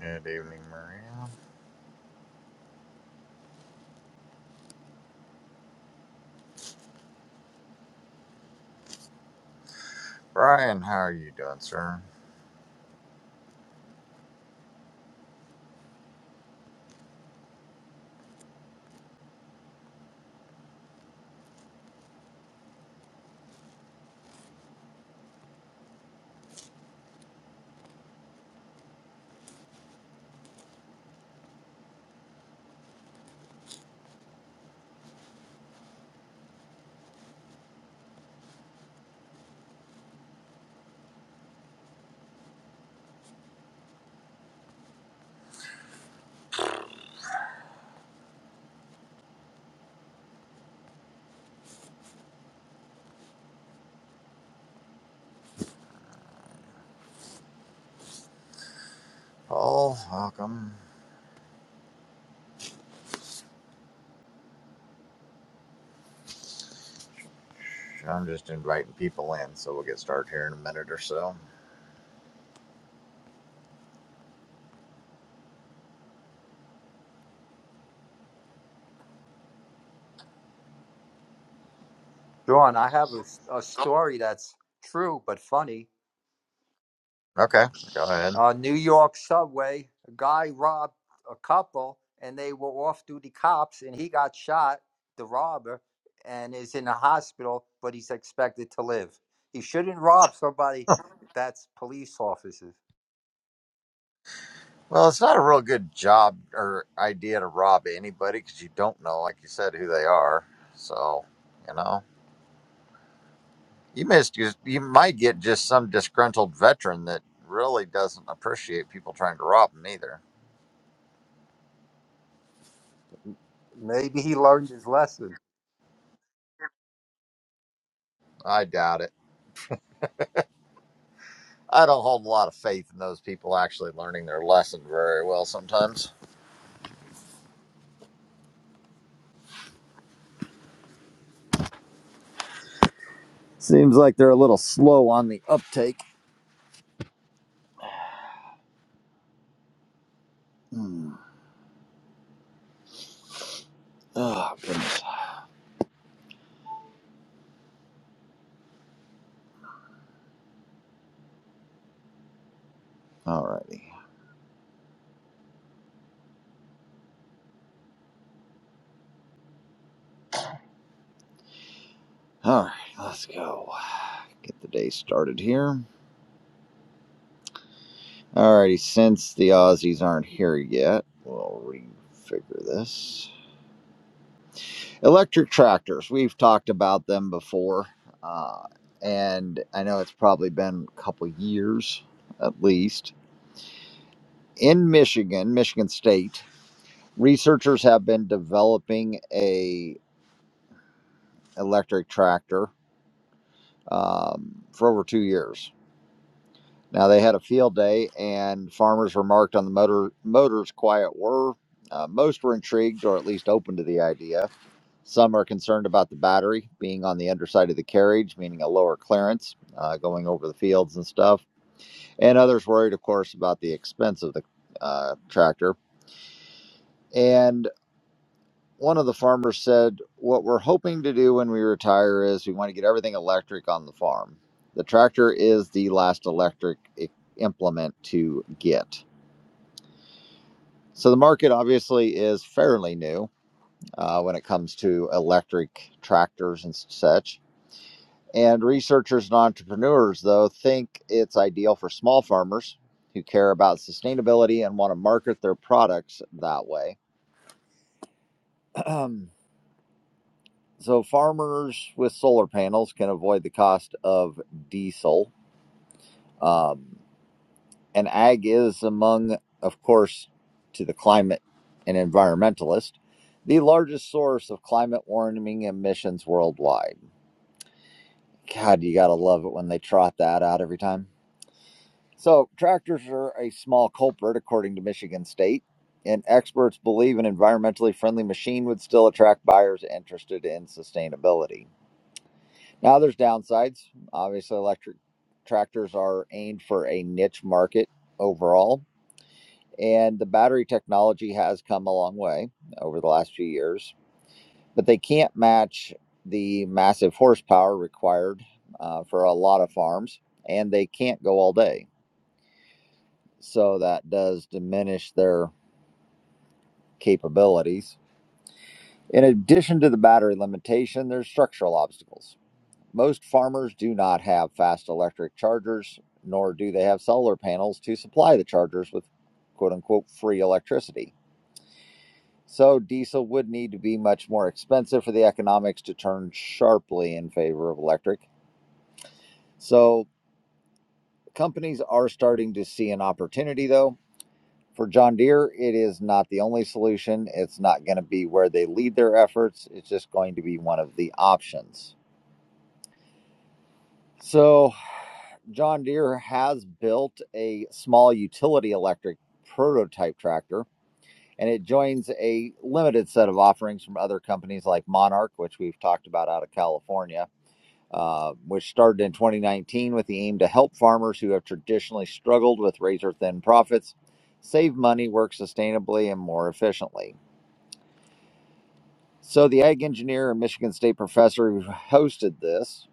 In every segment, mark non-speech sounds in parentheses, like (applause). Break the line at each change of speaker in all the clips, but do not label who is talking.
Good evening, Maria. Brian, how are you doing, sir? Paul, welcome. I'm just inviting people in, so we'll get started here in a minute or so.
John, I have a a story that's true but funny.
Okay, go ahead.
Uh, New York subway, a guy robbed a couple, and they were off duty cops, and he got shot, the robber, and is in the hospital, but he's expected to live. He shouldn't rob somebody that's police officers.
Well, it's not a real good job or idea to rob anybody because you don't know, like you said, who they are. So, you know, you missed. You, you might get just some disgruntled veteran that really doesn't appreciate people trying to rob him either.
Maybe he learned his lesson.
I doubt it. I don't hold a lot of faith in those people actually learning their lesson very well sometimes. Seems like they're a little slow on the uptake. Hmm. Oh, goodness. Alrighty. Alright, let's go. Get the day started here. Alrighty, since the Aussies aren't here yet, we'll refigure this. Electric tractors. We've talked about them before. Uh, and I know it's probably been a couple years at least. In Michigan, Michigan State, researchers have been developing a electric tractor um, for over two years. Now they had a field day, and farmers remarked on the motor motors' quiet whir. Uh, most were intrigued, or at least open to the idea. Some are concerned about the battery being on the underside of the carriage, meaning a lower clearance uh, going over the fields and stuff. And others worried, of course, about the expense of the uh, tractor. And one of the farmers said, What we're hoping to do when we retire is we want to get everything electric on the farm. The tractor is the last electric i- implement to get. So the market obviously is fairly new uh, when it comes to electric tractors and such. And researchers and entrepreneurs, though, think it's ideal for small farmers who care about sustainability and want to market their products that way. (clears throat) So farmers with solar panels can avoid the cost of diesel. Um, and ag is among, of course, to the climate and environmentalist, the largest source of climate warming emissions worldwide. God, you gotta love it when they trot that out every time. So tractors are a small culprit, according to Michigan State. And experts believe an environmentally friendly machine would still attract buyers interested in sustainability. Now, there's downsides. Obviously, electric tractors are aimed for a niche market overall, and the battery technology has come a long way over the last few years, but they can't match the massive horsepower required uh, for a lot of farms, and they can't go all day. So, that does diminish their capabilities. In addition to the battery limitation, there's structural obstacles. Most farmers do not have fast electric chargers, nor do they have solar panels to supply the chargers with quote unquote free electricity. So diesel would need to be much more expensive for the economics to turn sharply in favor of electric. So companies are starting to see an opportunity though. For John Deere, it is not the only solution. It's not going to be where they lead their efforts. It's just going to be one of the options. So, John Deere has built a small utility electric prototype tractor, and it joins a limited set of offerings from other companies like Monarch, which we've talked about out of California, uh, which started in 2019 with the aim to help farmers who have traditionally struggled with razor thin profits save money, work sustainably, and more efficiently. So, the ag engineer and Michigan State professor who hosted this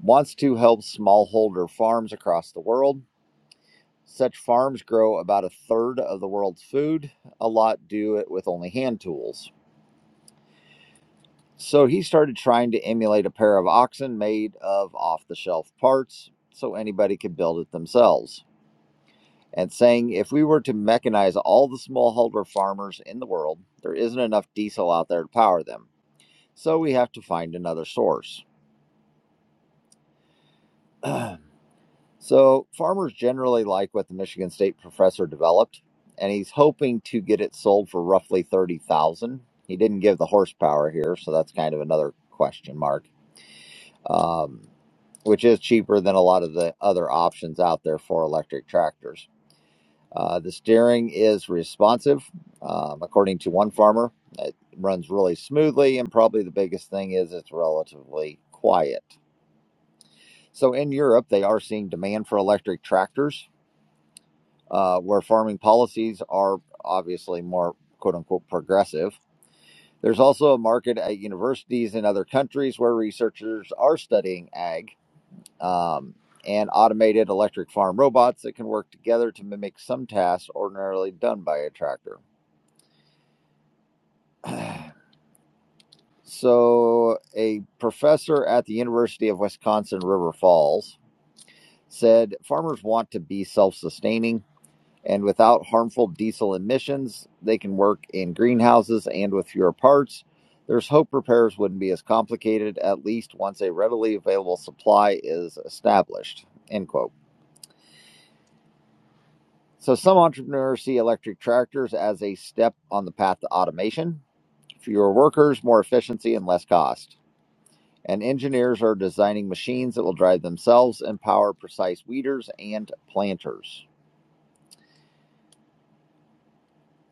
wants to help smallholder farms across the world Such farms grow about a third of the world's food. A lot do it with only hand tools. So he started trying to emulate a pair of oxen made of off the shelf parts so anybody could build it themselves. And saying if we were to mechanize all the smallholder farmers in the world, there isn't enough diesel out there to power them. So we have to find another source. (clears throat) So, farmers generally like what the Michigan State professor developed, and he's hoping to get it sold for roughly 30,000. He didn't give the horsepower here, so that's kind of another question mark. Um, which is cheaper than a lot of the other options out there for electric tractors. Uh, the steering is responsive, um, according to one farmer. It runs really smoothly, and probably the biggest thing is it's relatively quiet. So in Europe, they are seeing demand for electric tractors uh, where farming policies are obviously more quote unquote progressive. There's also a market at universities in other countries where researchers are studying ag um, and automated electric farm robots that can work together to mimic some tasks ordinarily done by a tractor. (clears throat) (sighs) So, a professor at the University of Wisconsin River Falls said farmers want to be self sustaining and without harmful diesel emissions. They can work in greenhouses and with fewer parts. There's hope repairs wouldn't be as complicated, at least once a readily available supply is established. End quote. So some entrepreneurs see electric tractors as a step on the path to automation. Fewer workers, more efficiency, and less cost. And engineers are designing machines that will drive themselves and power precise weeders and planters.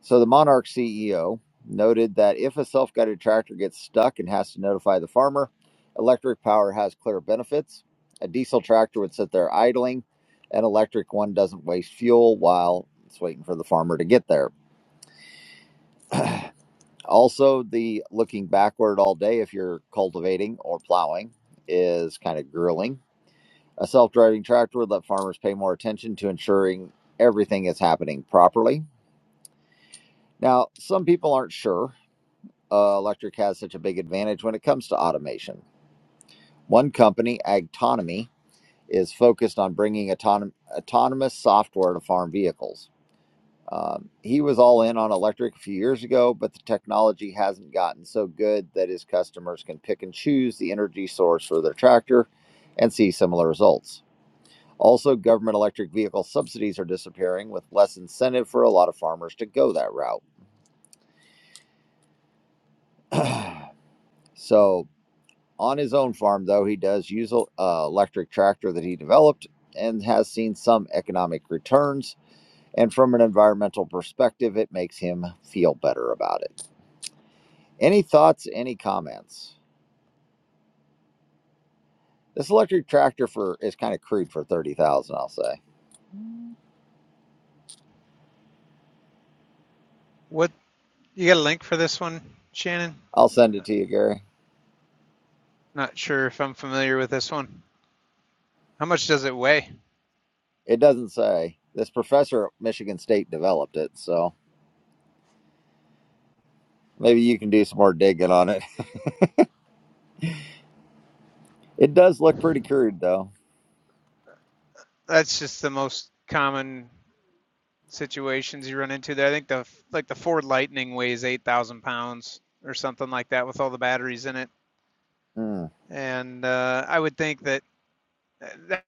So the Monarch CEO noted that if a self guided tractor gets stuck and has to notify the farmer, electric power has clear benefits. A diesel tractor would sit there idling, an electric one doesn't waste fuel while it's waiting for the farmer to get there. Also, the looking backward all day if you're cultivating or plowing is kind of grueling. A self driving tractor would let farmers pay more attention to ensuring everything is happening properly. Now, some people aren't sure uh, electric has such a big advantage when it comes to automation. One company, Agtonomy, is focused on bringing autonom- autonomous software to farm vehicles. Um, he was all in on electric a few years ago, but the technology hasn't gotten so good that his customers can pick and choose the energy source for their tractor and see similar results. Also, government electric vehicle subsidies are disappearing with less incentive for a lot of farmers to go that route. (clears throat) so, On his own farm, though, he does use an uh, electric tractor that he developed and has seen some economic returns. And from an environmental perspective, it makes him feel better about it. Any thoughts? Any comments? This electric tractor for is kind of crude for thirty thousand. dollars, I'll say.
What you got a link for this one, Shannon?
I'll send it to you, Gary.
Not sure if I'm familiar with this one. How much does it weigh?
It doesn't say. This professor at Michigan State developed it, so maybe you can do some more digging on it. (laughs) It does look pretty crude, though.
That's just the most common situations you run into there. I think the like the Ford Lightning weighs eight thousand pounds or something like that with all the batteries in it.
Hmm.
And uh, I would think that uh, that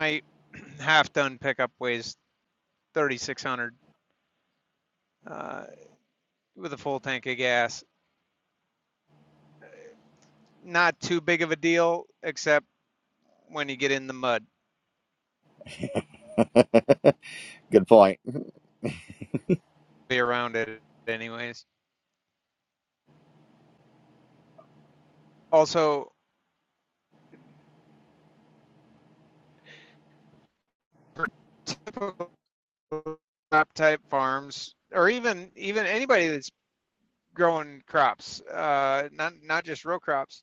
might (clears throat) half done pickup weighs thirty six hundred uh, with a full tank of gas. Not too big of a deal, except when you get in the mud,
(laughs) good point.
be around it anyways. Also, for typical crop type farms, or even even anybody that's growing crops, uh, not not just row crops.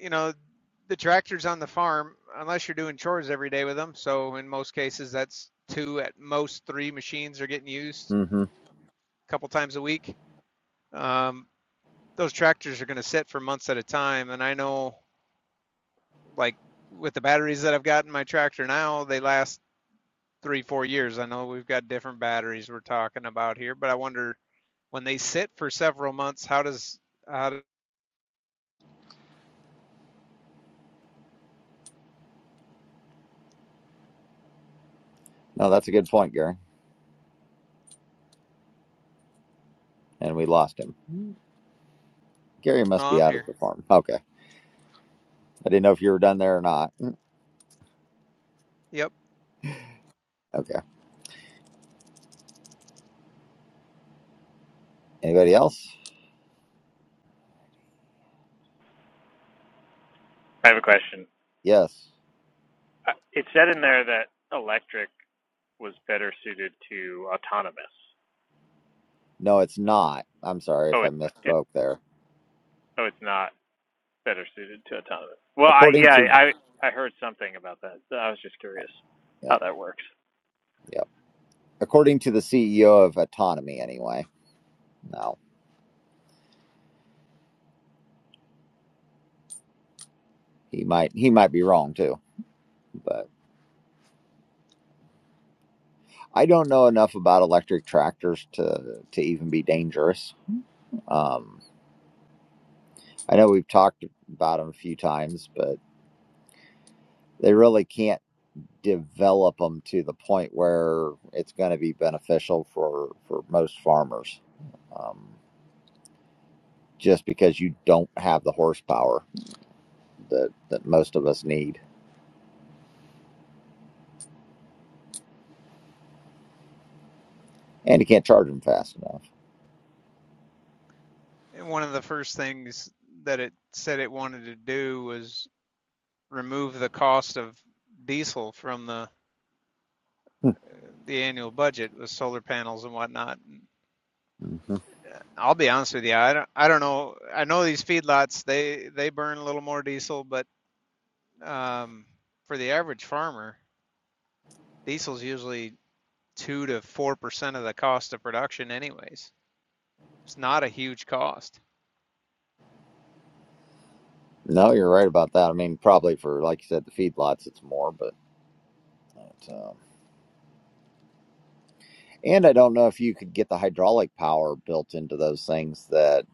You know, the tractor's on the farm unless you're doing chores every day with them. So in most cases, that's two at most three machines are getting used
hmm
a couple times a week. Um, those tractors are going to sit for months at a time, and I know like with the batteries that I've got in my tractor now, they last three, four years. I know we've got different batteries we're talking about here, but I wonder when they sit for several months, how does how does
No, that's a good point, Gary. and we lost him. Mm-hmm. Gary must be
am
out
here?
at the farm. Okay. I didn't know if you were done there or not.
Yep.
Okay. Anybody else?
I have a question.
Yes.
Uh, It said in there that electric was better suited to autonomous.
No, it's not. I'm sorry if
Oh,
I
it's n- it.
misspoke there.
Oh, it's not better suited to autonomous. Well, I
According
yeah,
to
I I I heard something about that. So I was just curious
yeah,
how that works.
yeah. According to the CEO of Autonomy anyway. No. He might he might be wrong too. But I don't know enough about electric tractors to to even be dangerous. Um I know we've talked about them a few times, but they really can't develop them to the point where it's going to be beneficial for for most farmers um, just because you don't have the horsepower that that most of us need and you can't charge them fast
And one of the first things that it said it wanted to do was remove the cost of diesel from the
enough
the annual budget with solar panels and whatnot.
hmm
I'll be honest with you, I don't I don't know. I know these feedlots they they burn a little more diesel, but um, for the average farmer, diesel's usually two to four percent of the cost of production anyways. It's not a huge cost.
no you're right about that i mean probably for like you said the feedlots it's more but, but um, and i don't know if you could get the hydraulic power built into those things that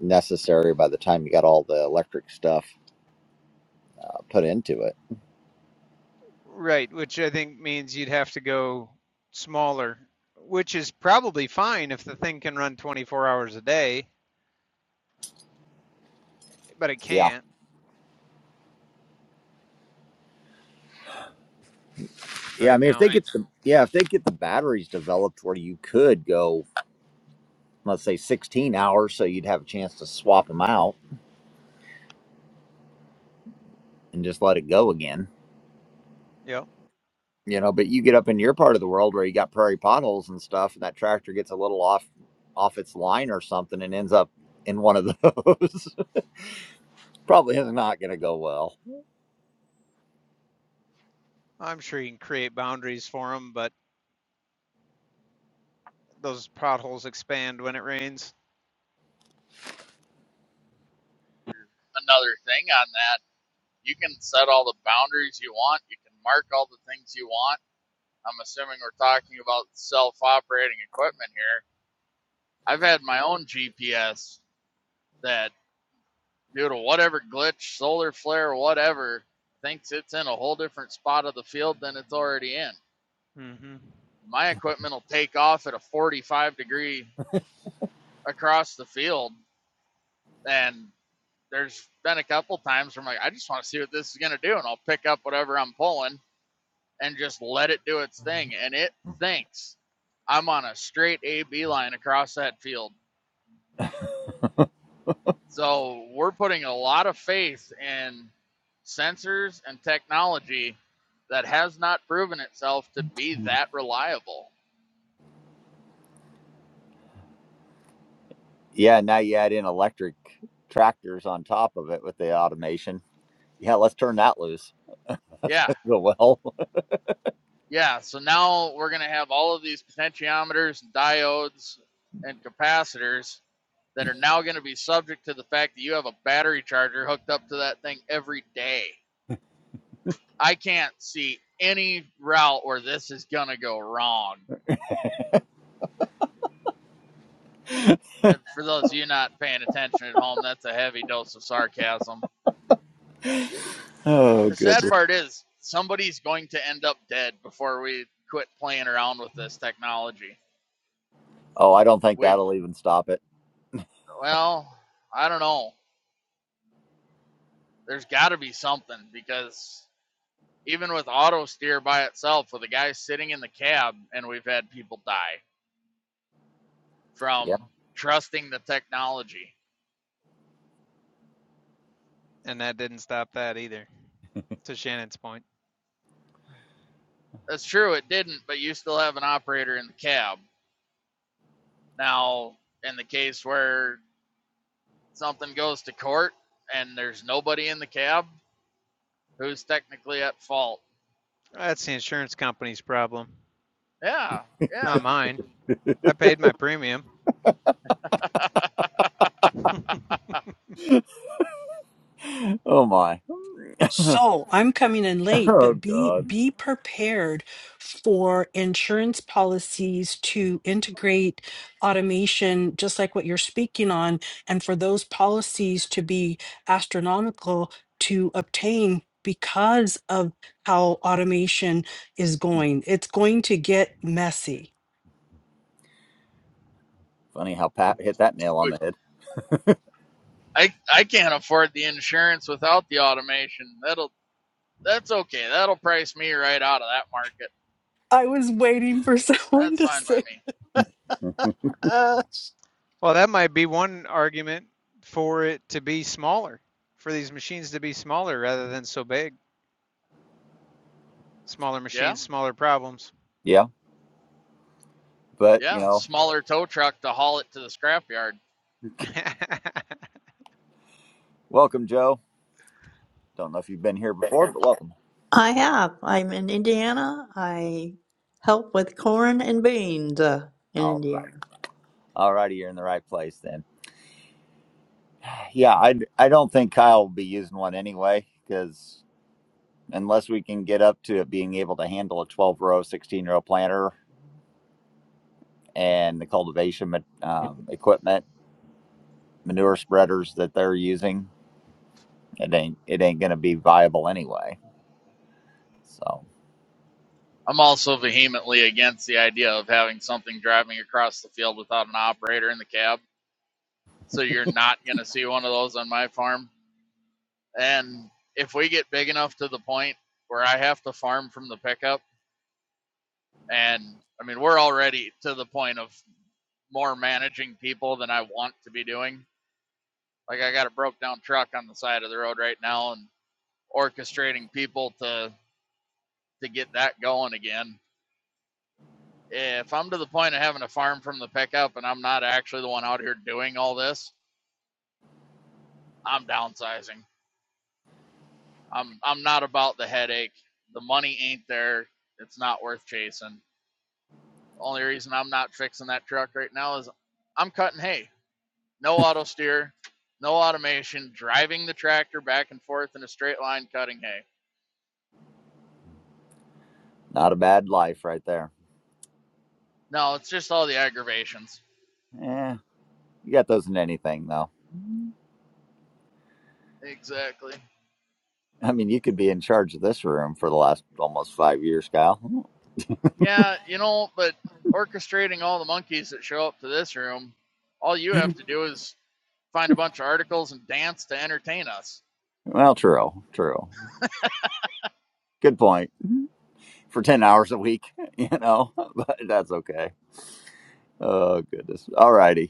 necessary by the time you got all the electric stuff uh, put into it
Right, which I think means you'd have to go smaller, which is probably fine if the thing can run 24 hours a day, but it
Yeah.
can't
Yeah, I
right
mean, if they
now.
right? get Right. the yeah, if they get the batteries developed where you could go, let's say sixteen hours, so you'd have a chance to swap them out and just let it go again.
Yep.
You know, but you get up in your part of the world where you got prairie potholes and stuff, and that tractor gets a little off off its line or something and ends up in one of those. (laughs) Probably is not going to go well.
I'm sure you can create boundaries for them, but those potholes expand when it rains.
another thing on that. You can set all the boundaries you want. You can mark all the things you want. I'm assuming we're talking about self-operating equipment here. I've had my own GPS that, due to whatever glitch, solar flare, whatever, thinks it's in a whole different spot of the field than it's already in.
mm hmm
My equipment will take off at a 45 degree across the field, and there's been a couple times where I'm like, I just want to see what this is going to do, and I'll pick up whatever I'm pulling, and just let it do its thing. And it thinks I'm on a straight A B line across that field. So we're putting a lot of faith in sensors and technology that has not proven itself to be that reliable.
Yeah, now you add in electric tractors on top of it with the automation. Yeah, let's turn that loose. (laughs) That's
Yeah,
going to go well. (laughs)
yeah. So now we're going to have all of these potentiometers and diodes and capacitors that are now going to be subject to the fact that you have a battery charger hooked up to that thing every day. I can't see any route where this is going to go wrong. And for those of you not paying attention at home, that's a heavy dose of sarcasm.
Oh
The
goodness.
sad part is somebody's going to end up dead before we quit playing around with this technology.
Oh, I don't think
We've,
that'll even stop it.
well, I don't know. There's got to be something because even with auto steer by itself, with a guy sitting in the cab, and we've had people die
Yeah.
from trusting the technology.
And that didn't stop that either, to Shannon's point.
That's true, it didn't, but you still have an operator in the cab. Now, in the case where something goes to court and there's nobody in the cab, who's technically at fault?
That's the insurance company's problem,
Yeah, yeah.
not mine. I paid my premium. (laughs)
(laughs) oh my. (laughs)
So I'm coming in late,
oh
but be
God.
be prepared for insurance policies to integrate automation, just like what you're speaking on, and for those policies to be astronomical to obtain because of how automation is going. It's going to get messy.
Funny how Pat hit that nail on
But
the head.
I I can't afford the insurance without the automation. That'll that's okay. That'll price me right out of that market.
I was waiting for (laughs) someone
That's
to
fine by
say,
me.
(laughs)
Well, that might be one argument for it to be smaller, for these machines to be smaller rather than so big. Smaller
Yeah,
machines, smaller problems.
yeah, but you
yeah.
know,
Smaller tow truck to haul it to the scrapyard.
(laughs)
welcome, Joe. Don't know if you've been here before, but welcome.
I have. I'm in Indiana. I help with corn and beans uh, in
All right.
Indiana.
All righty, you're in the right place then. (sighs) Yeah, I I don't think Kyle will be using one anyway because unless we can get up to it being able to handle a 12 row, 16 row planter and the cultivation ma- um, equipment, manure spreaders that they're using. It ain't it ain't gonna be viable anyway. So
I'm also vehemently against the idea of having something driving across the field without an operator in the cab. so you're not going to see one of those on my farm. And if we get big enough to the point where I have to farm from the pickup, and I mean, we're already to the point of more managing people than I want to be doing. Like I got a broke down truck on the side of the road right now and orchestrating people to to get that going again. If I'm to the point of having to farm from the pickup and I'm not actually the one out here doing all this, I'm downsizing. I'm I'm not about the headache. The money ain't there. It's not worth chasing. The Only reason I'm not fixing that truck right now is I'm cutting hay. No auto steer, no automation, driving the tractor back and forth in a straight line cutting hay.
not a bad life right there.
No, it's just all the aggravations.
Yeah, you got those in anything though.
Exactly.
I mean, you could be in charge of this room for the last almost five years, Kyle.
Yeah, you know, but orchestrating all the monkeys that show up to this room, all you have to do is find a bunch of articles and dance to entertain us.
Well, true, true. Good point. For ten hours a week, (laughs) you know, (laughs) but that's okay. Oh goodness. All righty.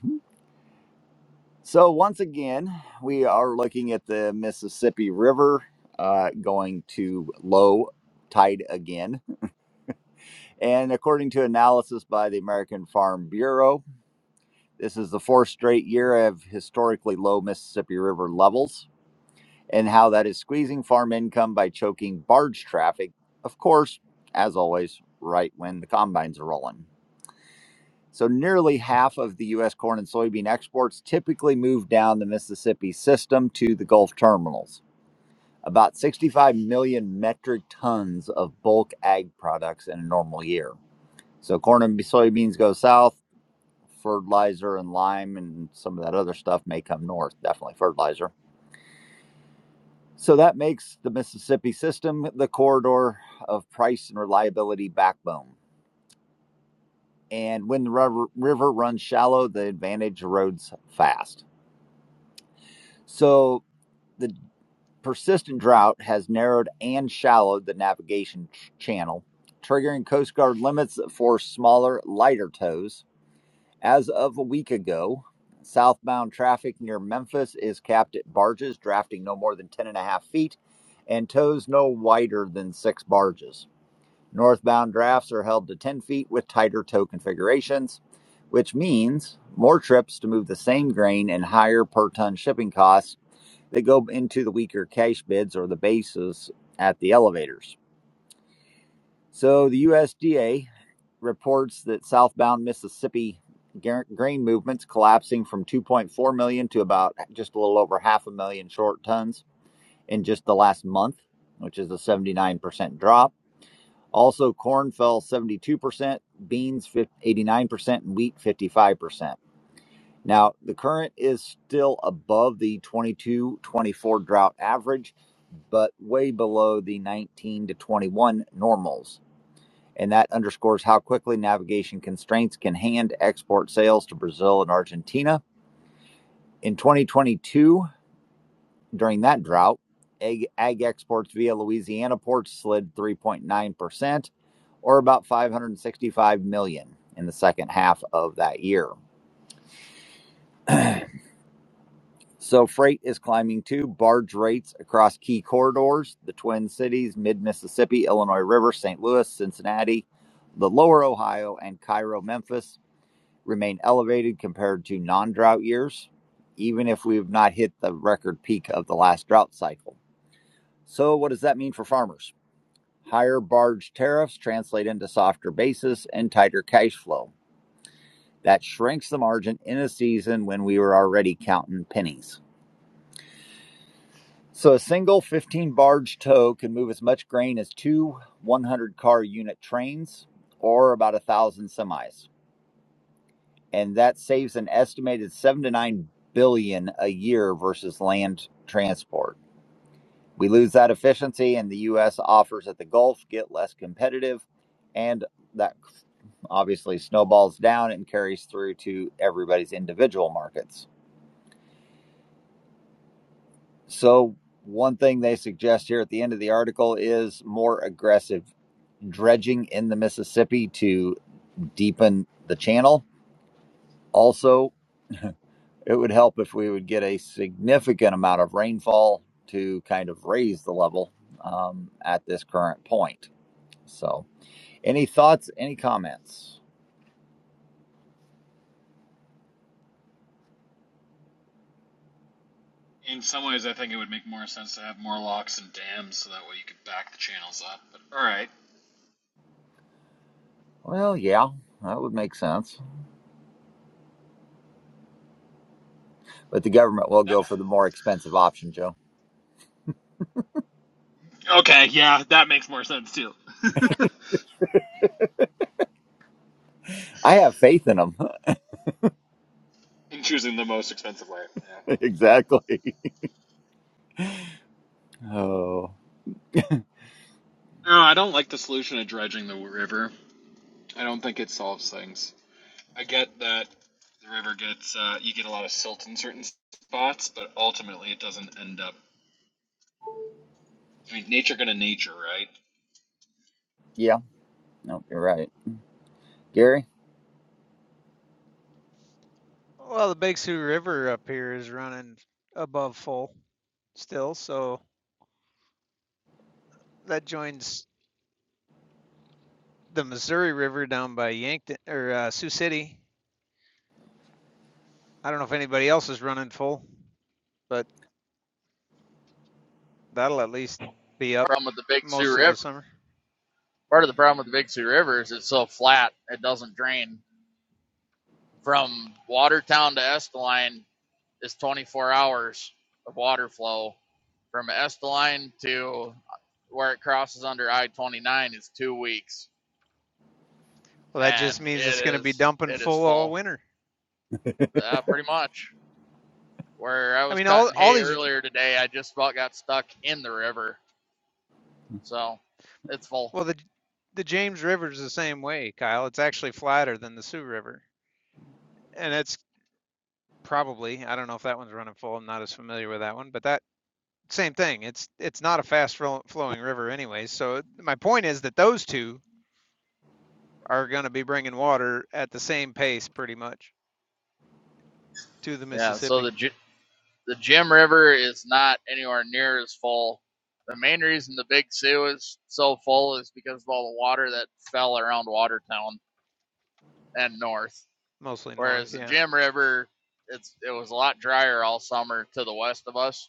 So once again, we are looking at the Mississippi River uh, going to low tide again And according to analysis by the American Farm Bureau, this is the fourth straight year of historically low Mississippi River levels and how that is squeezing farm income by choking barge traffic. Of course, as always, right when the combines are rolling. So, nearly half of the U.S. corn and soybean exports typically move down the Mississippi system to the Gulf terminals. About 65 million metric tons of bulk ag products in a normal year. So corn and soybeans go south, fertilizer and lime and some of that other stuff may come north, definitely fertilizer. So that makes the Mississippi system the corridor of price and reliability backbone. And when the river, river runs shallow, the advantage erodes fast. So the persistent drought has narrowed and shallowed the navigation ch- channel, triggering Coast Guard limits that force smaller, lighter tows As of a week ago, southbound traffic near Memphis is capped at barges drafting no more than 10 and a half feet and tows no wider than six barges. Northbound drafts are held to 10 feet with tighter tow configurations, which means more trips to move the same grain and higher per ton shipping costs that go into the weaker cash bids or the bases at the elevators. So the USDA reports that southbound Mississippi grain movements collapsing from 2.4 million to about just a little over half a million short tons in just the last month, which is a 79% drop. Also, corn fell 72%, beans 89%, and wheat 55%. Now, the current is still above the 22 24 drought average, but way below the 19 to 21 normals and that underscores how quickly navigation constraints can hand export sales to Brazil and Argentina. In 2022, during that drought, egg, ag exports via Louisiana ports slid 3.9%, or about 565 million dollars in the second half of that year. (clears throat) So freight is climbing too. Barge rates across key corridors, the Twin Cities, Mid Mississippi, Illinois River, St. Louis, Cincinnati, the Lower Ohio, and Cairo, Memphis remain elevated compared to non-drought years, even if we have not hit the record peak of the last drought cycle. So what does that mean for farmers? Higher barge tariffs translate into softer basis and tighter cash flow. That shrinks the margin in a season when we were already counting pennies. So a single 15 barge tow can move as much grain as two 100 car unit trains or about a thousand semis. and that saves an estimated 7 to 9 billion a year versus land transport. We lose that efficiency and the US offers at the Gulf get less competitive and that obviously snowballs down and carries through to everybody's individual markets. So one thing they suggest here at the end of the article is more aggressive dredging in the Mississippi to deepen the channel. Also. It would help if we would get a significant amount of rainfall to kind of raise the level um, at this current point. So, any thoughts, any comments?
in some ways, I think it would make more sense to have more locks and dams so that way you could back the channels up. But all right,
Well, yeah, that would make sense. But the government will
That-
go for the more expensive option, Joe.
okay, yeah, that makes more sense too.
I have faith in them.
In choosing the most expensive way. Yeah.
(laughs) exactly. Oh,
No, I don't like the solution of dredging the river. I don't think it solves things. I get that the river gets uh, you get a lot of silt in certain spots, but ultimately it doesn't end up. I mean, nature gonna nature, right?
yeah. No, you're right, Gary.
well, the Big Sioux River up here is running above full still, so that joins the Missouri River down by Yankton or uh, Sioux City. I don't know if anybody else is running full, but that'll at least be up
From the Big Sioux
most of
River.
the summer.
Part of the problem with the Big Sioux River is it's so flat it doesn't drain. From Watertown to Esteline is 24 hours of water flow. From Esteline to where it crosses under I-29 is two weeks,
Well, that
and
just means
it
it's going to be
is
dumping
it is
full all
full.
winter.
Uh, pretty much. Where I
I
was
mean, all
cutting
all
hay
these
earlier today, I just about got stuck in the river, so it's full.
Well, the the James River is the same way, Kyle. It's actually flatter than the Sioux River, and it's probably I don't know if that one's running full. I'm not as familiar with that one, but that same thing. It's it's not a fast flow- flowing river anyway. So my point is that those two are going to be bringing water at the same pace, pretty much, to the
Yeah. So the
Mississippi,
The Jim River is not anywhere near as full. The main reason the Big Sioux is so full is because of all the water that fell around Watertown and north.
mostly north.
Whereas the
Yeah.
Jim River, it's it was a lot drier all summer to the west of us.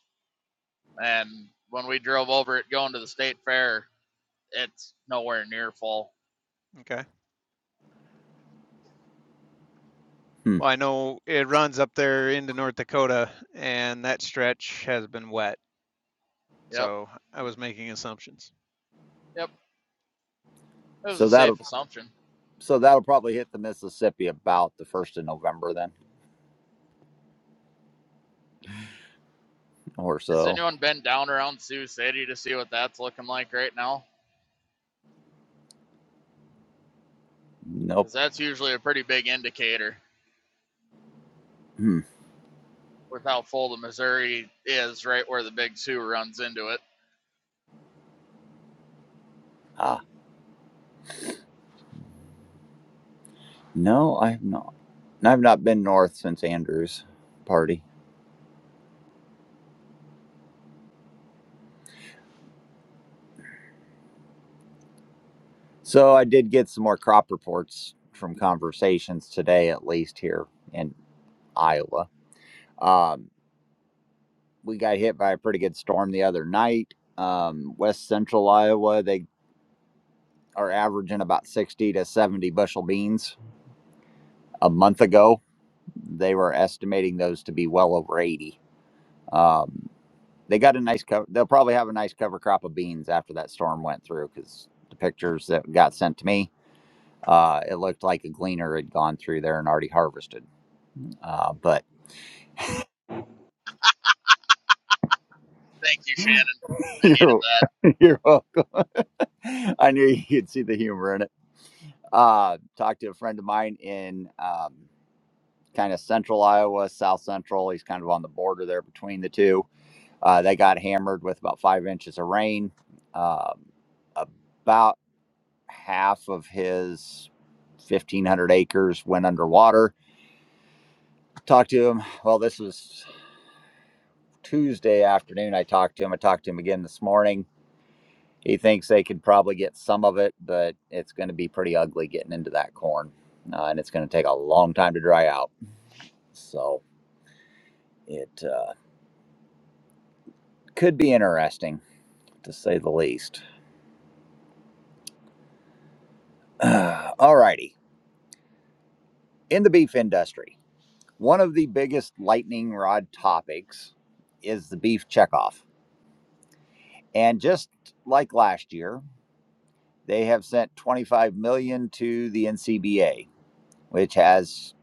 And when we drove over it going to the state fair, it's nowhere near full.
Okay.
Hmm.
Well, I know it runs up there into North Dakota, and that stretch has been wet.
Yep,
So I was making assumptions.
yep. It was a
So that'll
safe assumption.
so that'll probably hit the Mississippi about the first of November then, or
Has
so.
anyone been down around Sioux City to see what that's looking like right now?
Nope.
Because that's usually a pretty big indicator.
Hmm.
with how full the Missouri is, right where the Big Two runs into it.
Ah. No, I have not. And I've not been north since Andrew's party. So I did get some more crop reports from conversations today, at least here in Iowa. Um, we got hit by a pretty good storm the other night. Um, West Central Iowa, they are averaging about 60 to 70 bushel beans. A month ago, they were estimating those to be well over 80. Um, They got a nice cover. They'll probably have a nice cover crop of beans after that storm went through because the pictures that got sent to me, uh, it looked like a gleaner had gone through there and already harvested. Uh, but
Thank you, Shannon.
(laughs)
I needed
you're,
that.
you're welcome. (laughs) I knew you could see the humor in it. Uh, talked to a friend of mine in um, kind of central Iowa, south central. He's kind of on the border there between the two. Uh, they got hammered with about five inches of rain. Um, about half of his 1,500 acres went underwater. Talked to him. Well, this was Tuesday afternoon. I talked to him. I talked to him again this morning. He thinks they could probably get some of it, but it's going to be pretty ugly getting into that corn, uh, and it's going to take a long time to dry out. So it uh, could be interesting, to say the least. (sighs) All righty. In the beef industry, one of the biggest lightning rod topics is the beef checkoff. And just like last year, they have sent 25 million dollars to the NCBA, which has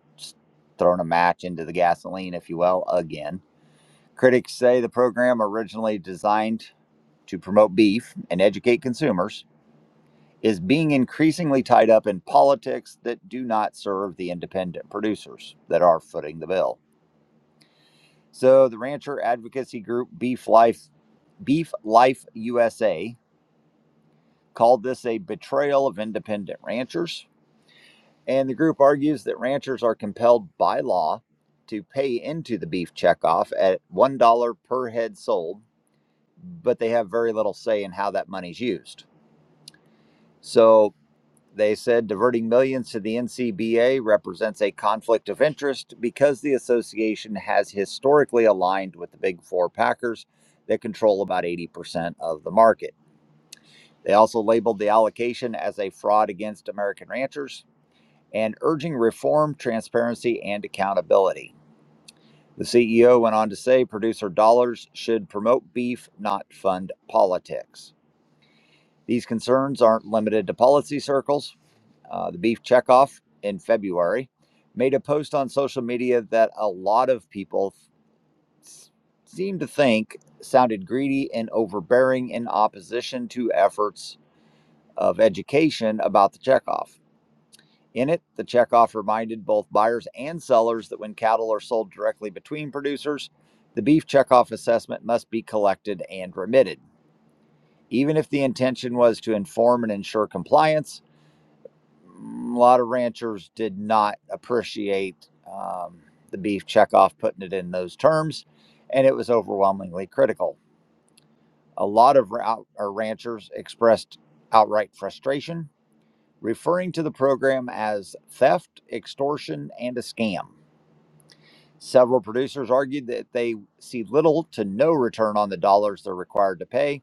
thrown a match into the gasoline, if you will, again. Critics say the program, originally designed to promote beef and educate consumers, is being increasingly tied up in politics that do not serve the independent producers that are footing the bill. So the rancher advocacy group Beef Life Beef Life USA called this a betrayal of independent ranchers And the group argues that ranchers are compelled by law to pay into the beef checkoff at $1 per head sold, but they have very little say in how that money's used. So they said diverting millions to the NCBA represents a conflict of interest because the association has historically aligned with the big four packers that control about 80% of the market. They also labeled the allocation as a fraud against American ranchers and urging reform, transparency, and accountability. The CEO went on to say producer dollars should promote beef, not fund politics. These concerns aren't limited to policy circles. Uh, the Beef Checkoff in February made a post on social media that a lot of people s- seem to think sounded greedy and overbearing in opposition to efforts of education about the checkoff. In it, the checkoff reminded both buyers and sellers that when cattle are sold directly between producers, the beef checkoff assessment must be collected and remitted. Even if the intention was to inform and ensure compliance, mm, a lot of ranchers did not appreciate um, the beef checkoff putting it in those terms, and it was overwhelmingly critical. A lot of ranchers expressed outright frustration, referring to the program as theft, extortion, and a scam. Several producers argued that they see little to no return on the dollars they're required to pay.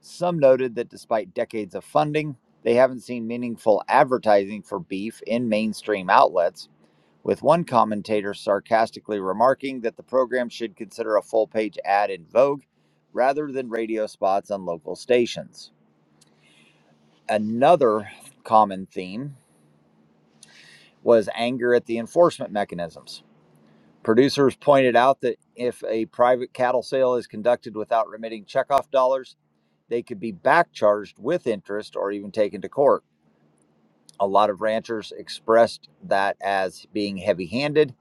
Some noted that despite decades of funding, they haven't seen meaningful advertising for beef in mainstream outlets, with one commentator sarcastically remarking that the program should consider a full page ad in Vogue rather than radio spots on local stations. Another common theme was anger at the enforcement mechanisms. Producers pointed out that if a private cattle sale is conducted without remitting checkoff dollars, they could be back charged with interest or even taken to court. A lot of ranchers expressed that as being heavy handed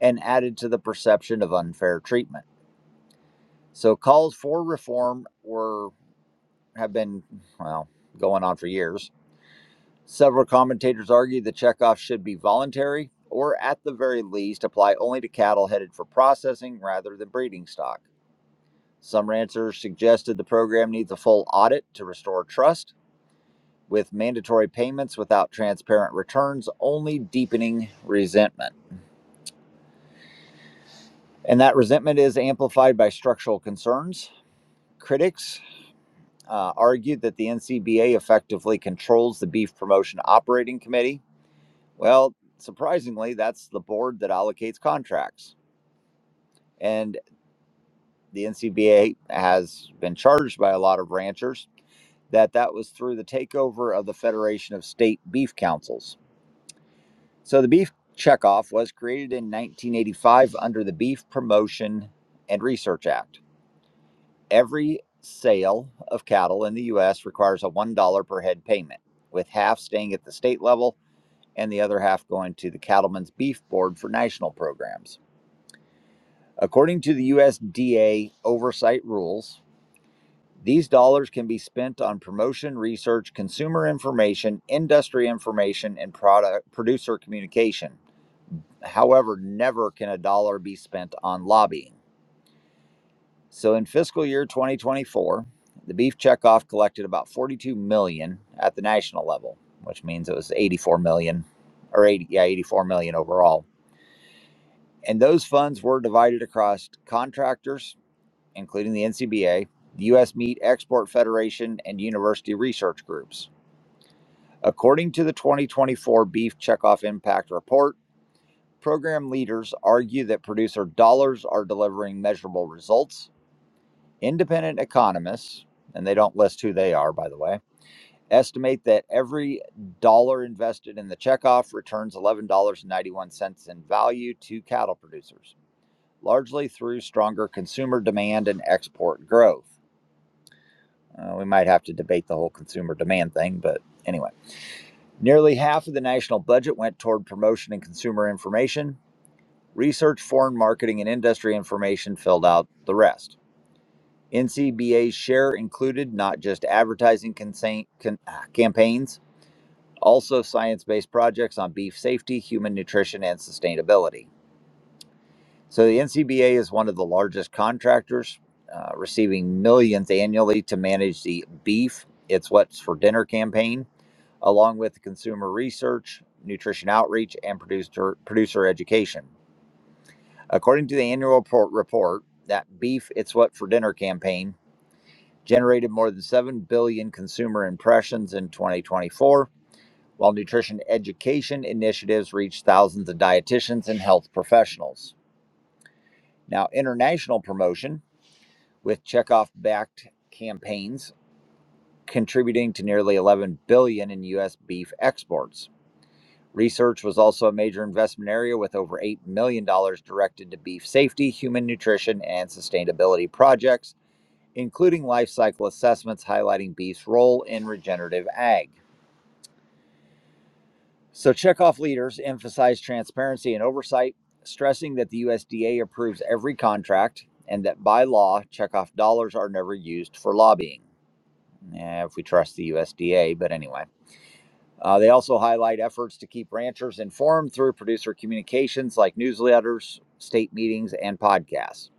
and added to the perception of unfair treatment. So calls for reform were have been well going on for years. Several commentators argue the checkoff should be voluntary or at the very least apply only to cattle headed for processing rather than breeding stock. Some ranchers suggested the program needs a full audit to restore trust, with mandatory payments without transparent returns only deepening resentment. And that resentment is amplified by structural concerns. Critics uh, argued that the NCBA effectively controls the Beef Promotion Operating Committee. Well, surprisingly, that's the board that allocates contracts. And the NCBA has been charged by a lot of ranchers that that was through the takeover of the Federation of State Beef Councils. So the beef checkoff was created in 1985 under the Beef Promotion and Research Act. Every sale of cattle in the US requires a $1 per head payment, with half staying at the state level and the other half going to the Cattlemen's Beef Board for national programs. According to the USDA oversight rules, These dollars can be spent on promotion, research, consumer information, industry information, and product producer communication. However, never can a dollar be spent on lobbying. So in fiscal year 2024, the beef checkoff collected about 42 million dollars at the national level, which means it was 84 million dollars or 80 yeah, 84 million dollars overall. And those funds were divided across contractors, including the NCBA, the US Meat Export Federation, and university research groups. According to the 2024 Beef Checkoff Impact Report, program leaders argue that producer dollars are delivering measurable results. Independent economists, and they don't list who they are, by the way, estimate that every dollar invested in the checkoff returns $11.91 in value to cattle producers, largely through stronger consumer demand and export growth. Uh, we might have to debate the whole consumer demand thing, but anyway. Nearly half of the national budget went toward promotion and consumer information. Research, foreign marketing, and industry information filled out the rest. NCBA's share included not just advertising consa- con- ah, campaigns, also science based projects on beef safety, human nutrition, and sustainability. So the NCBA is one of the largest contractors, uh, receiving millions annually to manage the beef, it's what's for dinner campaign along with consumer research, nutrition outreach, and producer, producer education. According to the annual report, that Beef It's What for Dinner campaign generated more than 7 billion consumer impressions in 2024, while nutrition education initiatives reached thousands of dietitians and health professionals. Now, international promotion with checkoff backed campaigns contributing to nearly 11 billion in US beef exports. Research was also a major investment area with over $8 million dollars directed to beef safety, human nutrition, and sustainability projects, including life cycle assessments highlighting beef's role in regenerative ag. So, checkoff leaders emphasize transparency and oversight, stressing that the USDA approves every contract and that by law, checkoff dollars are never used for lobbying. Eh, if we trust the USDA, but anyway. Uh, they also highlight efforts to keep ranchers informed through producer communications like newsletters, state meetings, and podcasts.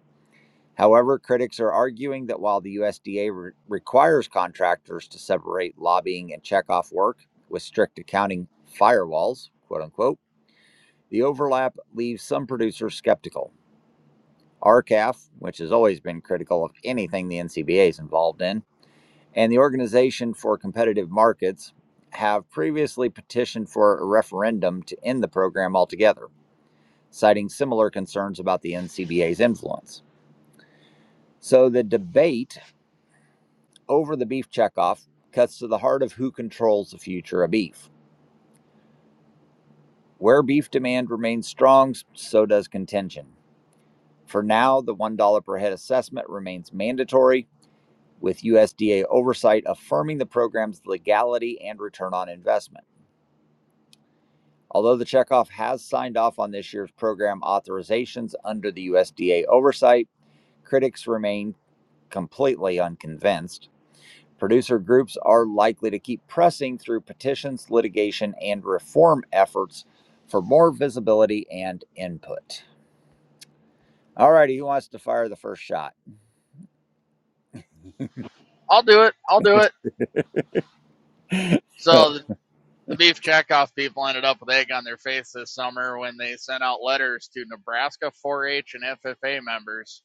However, critics are arguing that while the USDA re- requires contractors to separate lobbying and checkoff work with strict accounting firewalls, quote unquote, the overlap leaves some producers skeptical. RCAF, which has always been critical of anything the NCBA is involved in, and the Organization for Competitive Markets have previously petitioned for a referendum to end the program altogether, citing similar concerns about the NCBA's influence. So the debate over the beef checkoff cuts to the heart of who controls the future of beef. Where beef demand remains strong, so does contention. For now, the $1 per head assessment remains mandatory, with USDA oversight affirming the program's legality and return on investment. Although the checkoff has signed off on this year's program authorizations under the USDA oversight, critics remain completely unconvinced. Producer groups are likely to keep pressing through petitions, litigation, and reform efforts for more visibility and input. All righty, who wants to fire the first shot?
I'll do it. I'll do it. So the, the beef checkoff people ended up with egg on their face this summer when they sent out letters to Nebraska 4-H and FFA members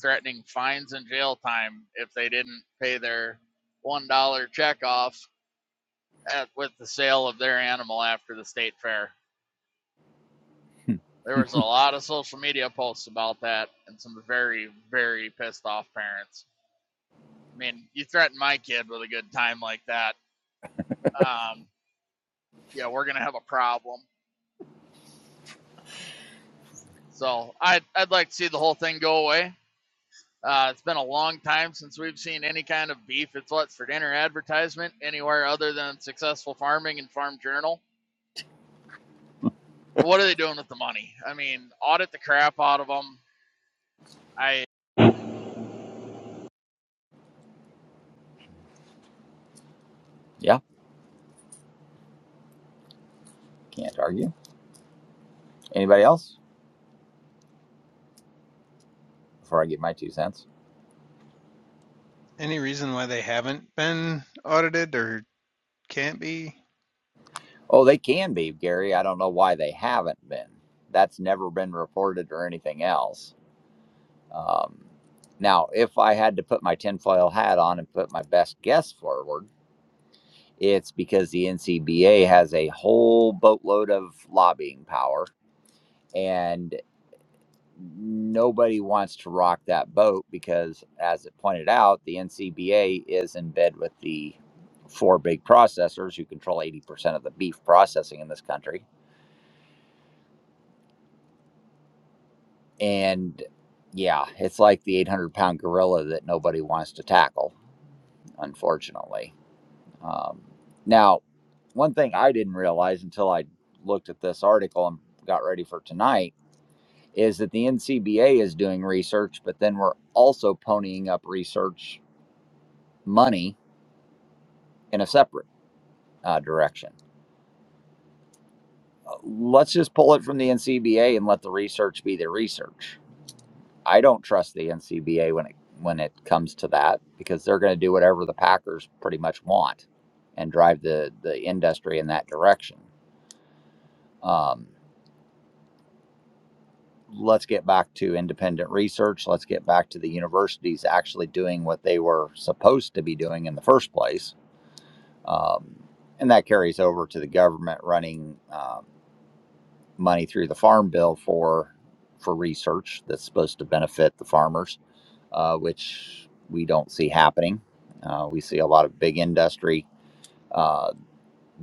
threatening fines and jail time if they didn't pay their one dollar checkoff at, with the sale of their animal after the state fair. There was a lot of social media posts about that and some very, very pissed off parents. I mean, you threaten my kid with a good time like that, um, yeah, we're gonna have a problem. So I'd I'd like to see the whole thing go away. Uh, it's been a long time since we've seen any kind of beef. It's what's for dinner advertisement anywhere other than successful farming and Farm Journal. But what are they doing with the money? I mean, audit the crap out of them. I
Yeah, can't argue. Anybody else? Before I get my two cents.
Any reason why they haven't been audited or can't be?
Oh, they can be, Gary. I don't know why they haven't been. That's never been reported or anything else. Um, now, if I had to put my tinfoil hat on and put my best guess forward, it's because the NCBA has a whole boatload of lobbying power, and nobody wants to rock that boat because, as it pointed out, the NCBA is in bed with the four big processors who control 80% of the beef processing in this country. And yeah, it's like the 800 pound gorilla that nobody wants to tackle, unfortunately. Um, now, one thing I didn't realize until I looked at this article and got ready for tonight is that the NCBA is doing research, but then we're also ponying up research money in a separate uh, direction. Uh, Let's just pull it from the NCBA and let the research be the research. I don't trust the NCBA when it when it comes to that because they're going to do whatever the Packers pretty much want and drive the the industry in that direction. Um, let's get back to independent research. Let's get back to the universities actually doing what they were supposed to be doing in the first place. Um, and that carries over to the government running um money through the farm bill for for research that's supposed to benefit the farmers, uh, which we don't see happening. Uh, we see a lot of big industry uh,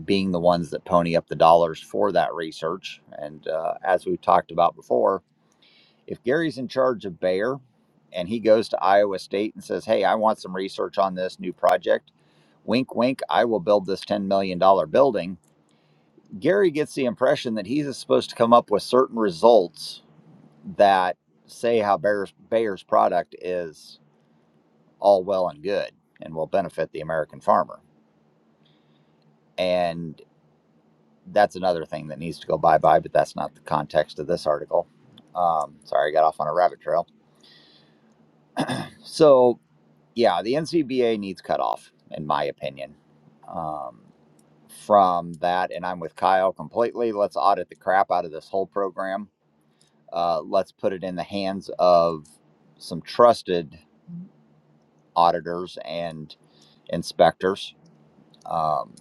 being the ones that pony up the dollars for that research. And uh, as we've talked about before, If Gary's in charge of Bayer and he goes to Iowa State and says, Hey, I want some research on this new project, wink, wink, I will build this $10 million dollars building. Gary gets the impression that he's supposed to come up with certain results that say how Bayer's, Bayer's product is all well and good and will benefit the American farmer. And that's another thing that needs to go bye bye, but that's not the context of this article. Um, sorry, I got off on a rabbit trail. So yeah, the NCBA needs cutoff, in my opinion. Um, from that, and I'm with Kyle completely. Let's audit the crap out of this whole program. Uh, let's put it in the hands of some trusted auditors and inspectors, um,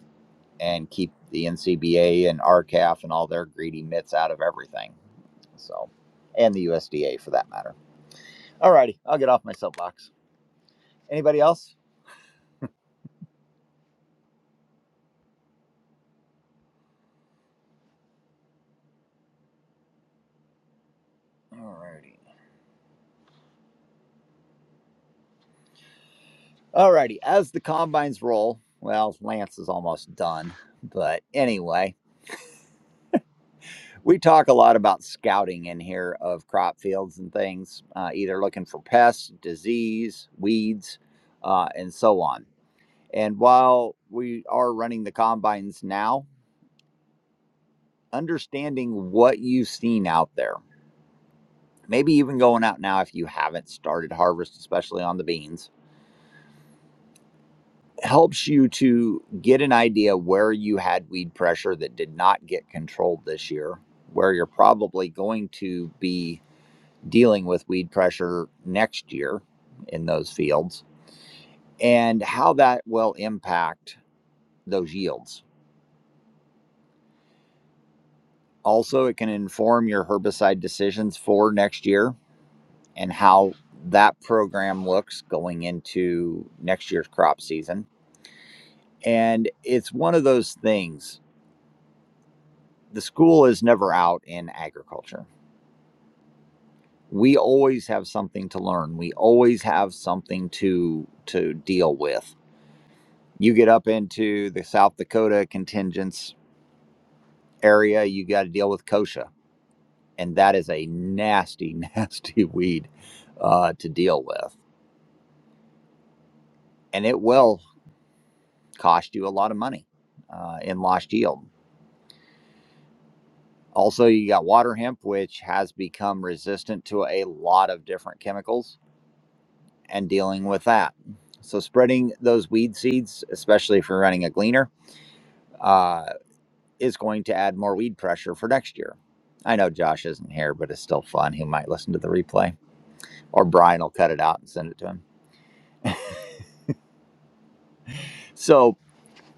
and keep the NCBA and RCAF and all their greedy mitts out of everything. So, and the USDA for that matter. Alrighty, I'll get off my soapbox. Anybody else? Alrighty. Alrighty, as the combines roll, well, Lance is almost done. But anyway, we talk a lot about scouting in here of crop fields and things, uh, either looking for pests, disease, weeds, uh, and so on. And while we are running the combines now, understanding what you've seen out there, maybe even going out now if you haven't started harvest, especially on the beans helps you to get an idea where you had weed pressure that did not get controlled this year, where you're probably going to be dealing with weed pressure next year in those fields, and how that will impact those yields. Also, it can inform your herbicide decisions for next year and how that program looks going into next year's crop season. And it's one of those things the school is never out in agriculture. We always have something to learn. We always have something to to deal with. You get up into the South Dakota contingents area, you got to deal with kochia, and that is a nasty, (laughs) nasty weed uh, to deal with, and it will cost you a lot of money uh, in lost yield. Also, you got water hemp, which has become resistant to a lot of different chemicals and dealing with that. So spreading those weed seeds, especially if you're running a gleaner, uh, is going to add more weed pressure for next year. I know Josh isn't here, but it's still fun. He might listen to the replay, or Brian will cut it out and send it to him. So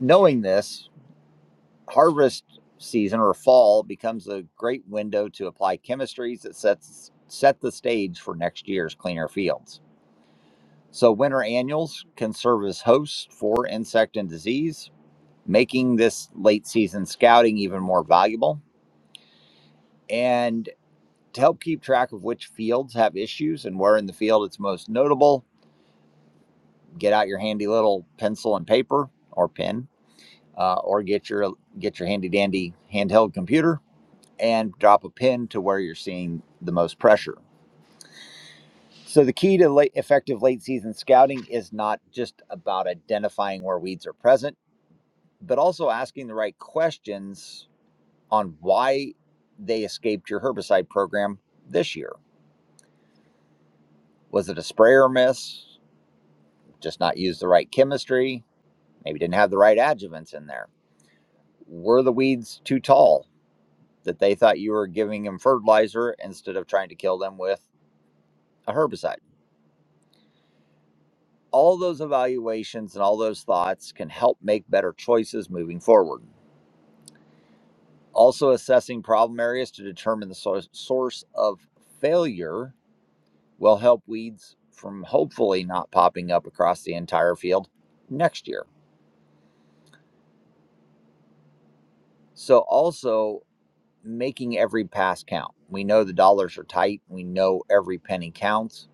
knowing this, harvest season or fall becomes a great window to apply chemistries that sets set the stage for next year's cleaner fields. So winter annuals can serve as hosts for insect and disease, making this late season scouting even more valuable. And to help keep track of which fields have issues and where in the field it's most notable, get out your handy little pencil and paper or pen, uh, or get your get your handy dandy handheld computer and drop a pin to where you're seeing the most pressure. So the key to late, effective late season scouting is not just about identifying where weeds are present, but also asking the right questions on why they escaped your herbicide program this year. Was it a spray or miss? Just not use the right chemistry? Maybe didn't have the right adjuvants in there? Were the weeds too tall that they thought you were giving them fertilizer instead of trying to kill them with a herbicide? All those evaluations and all those thoughts can help make better choices moving forward. Also, assessing problem areas to determine the source, source of failure will help weeds from hopefully not popping up across the entire field next year. So, also making every pass count. We know the dollars are tight, we know every penny counts.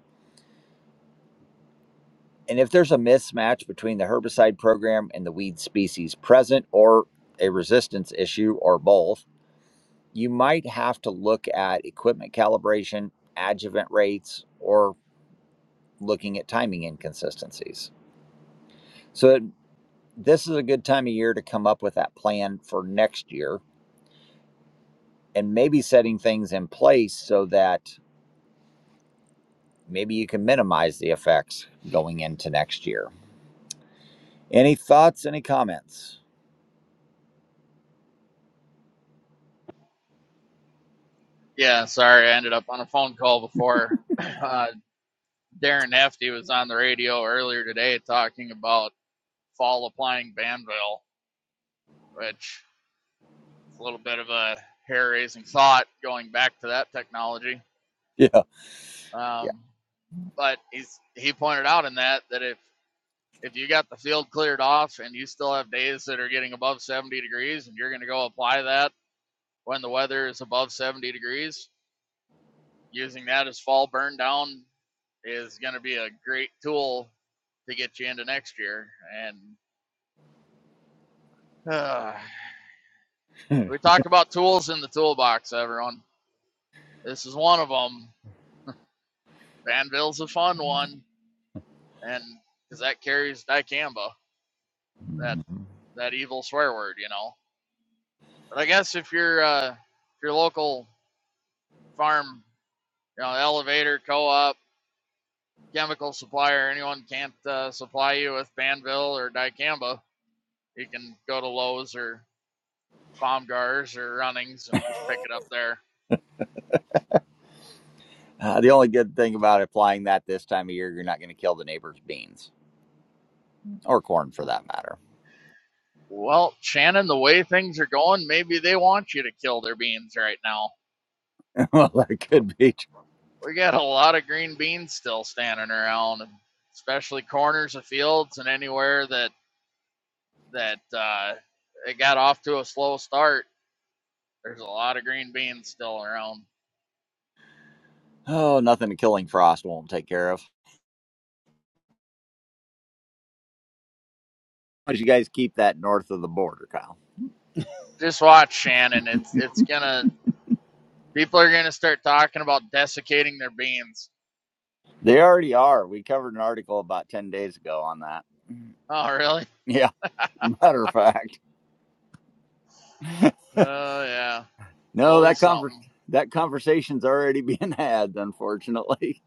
And if there's a mismatch between the herbicide program and the weed species present, or a resistance issue, or both, you might have to look at equipment calibration, adjuvant rates, or looking at timing inconsistencies. So, it this is a good time of year to come up with that plan for next year and maybe setting things in place so that maybe you can minimize the effects going into next year. Any thoughts, any comments?
yeah, sorry, I ended up on a phone call before. (clears throat) Uh, Darren Hefty was on the radio earlier today talking about fall applying Banville, which It's a little bit of a hair raising thought going back to that technology.
Yeah.
Um, but he's he pointed out in that that if if you got the field cleared off and you still have days that are getting above 70 degrees and you're going to go apply that when the weather is above 70 degrees, using that as fall burn down is going to be a great tool to get you into next year. And uh,
Yeah. (laughs)
we talk about tools in the toolbox, everyone. This is one of them. Banville's a fun one. and because that carries dicamba, that that evil swear word, you know. But I guess if your uh, if your local farm, you know, elevator, co-op, chemical supplier, anyone can't uh, supply you with Banville or dicamba, you can go to Lowe's or Baumgars or Runnings and just pick it up there.
Uh, the only good thing about applying that this time of year, you're not going to kill the neighbor's beans or corn for that matter.
Well, Shannon, the way things are going, maybe they want you to kill their beans right now.
(laughs) well, that could be.
we got a lot of green beans still standing around, especially corners of fields and anywhere that that uh, it got off to a slow start. There's a lot of green beans still around.
Oh, nothing a killing frost won't take care of. Why don't you guys keep that north of the border, Kyle?
Just watch Shannon. It's it's gonna people are gonna start talking about desiccating their beans. (laughs)
They already are. We covered an article about 10 days ago on that. (laughs)
Oh really?
Yeah, matter of fact. (laughs)
Oh uh, yeah. It's
No,
always
that conver-
something.
that conversation's already (laughs) being had, unfortunately.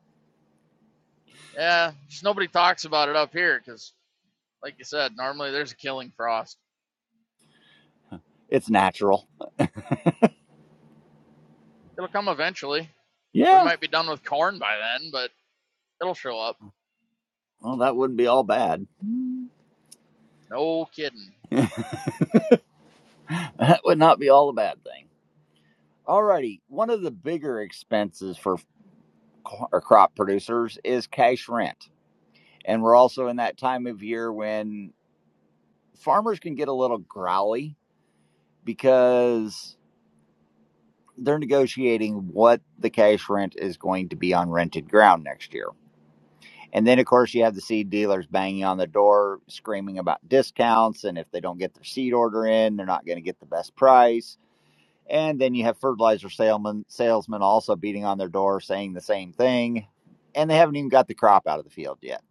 Yeah, just nobody talks about it up here because, like you said, normally there's a killing frost.
It's natural.
It'll come eventually. We
Yeah.
might be done with corn by then, but it'll show up.
Well, that wouldn't be all bad.
No kidding.
(laughs) that would not be all a bad thing. Alrighty. One of the bigger expenses for co- or crop producers is cash rent. And we're also in that time of year when farmers can get a little growly because they're negotiating what the cash rent is going to be on rented ground next year. And then, of course, you have the seed dealers banging on the door, screaming about discounts. And if they don't get their seed order in, they're not going to get the best price. And then you have fertilizer salesmen, salesmen also beating on their door, saying the same thing. And they haven't even got the crop out of the field yet.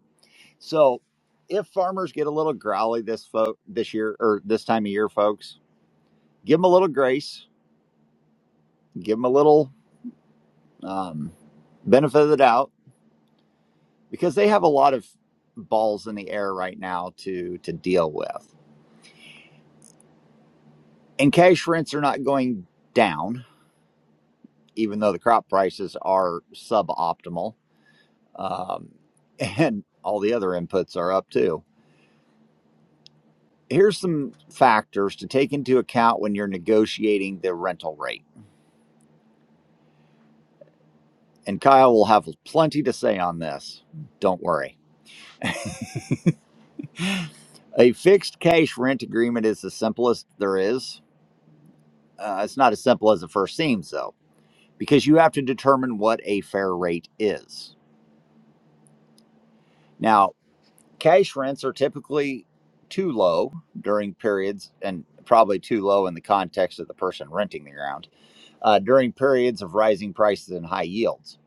So, if farmers get a little growly this fo- this year or this time of year, folks, give them a little grace, give them a little um, benefit of the doubt because they have a lot of balls in the air right now to to deal with. And cash rents are not going down, even though the crop prices are suboptimal, um, (laughs) and all the other inputs are up too. Here's some factors to take into account when you're negotiating the rental rate. And Kyle will have plenty to say on this. Don't worry. A fixed cash rent agreement is the simplest there is. Uh, it's not as simple as it first seems, though because you have to determine what a fair rate is. Now, cash rents are typically too low during periods, and probably too low in the context of the person renting the ground, uh, during periods of rising prices and high yields.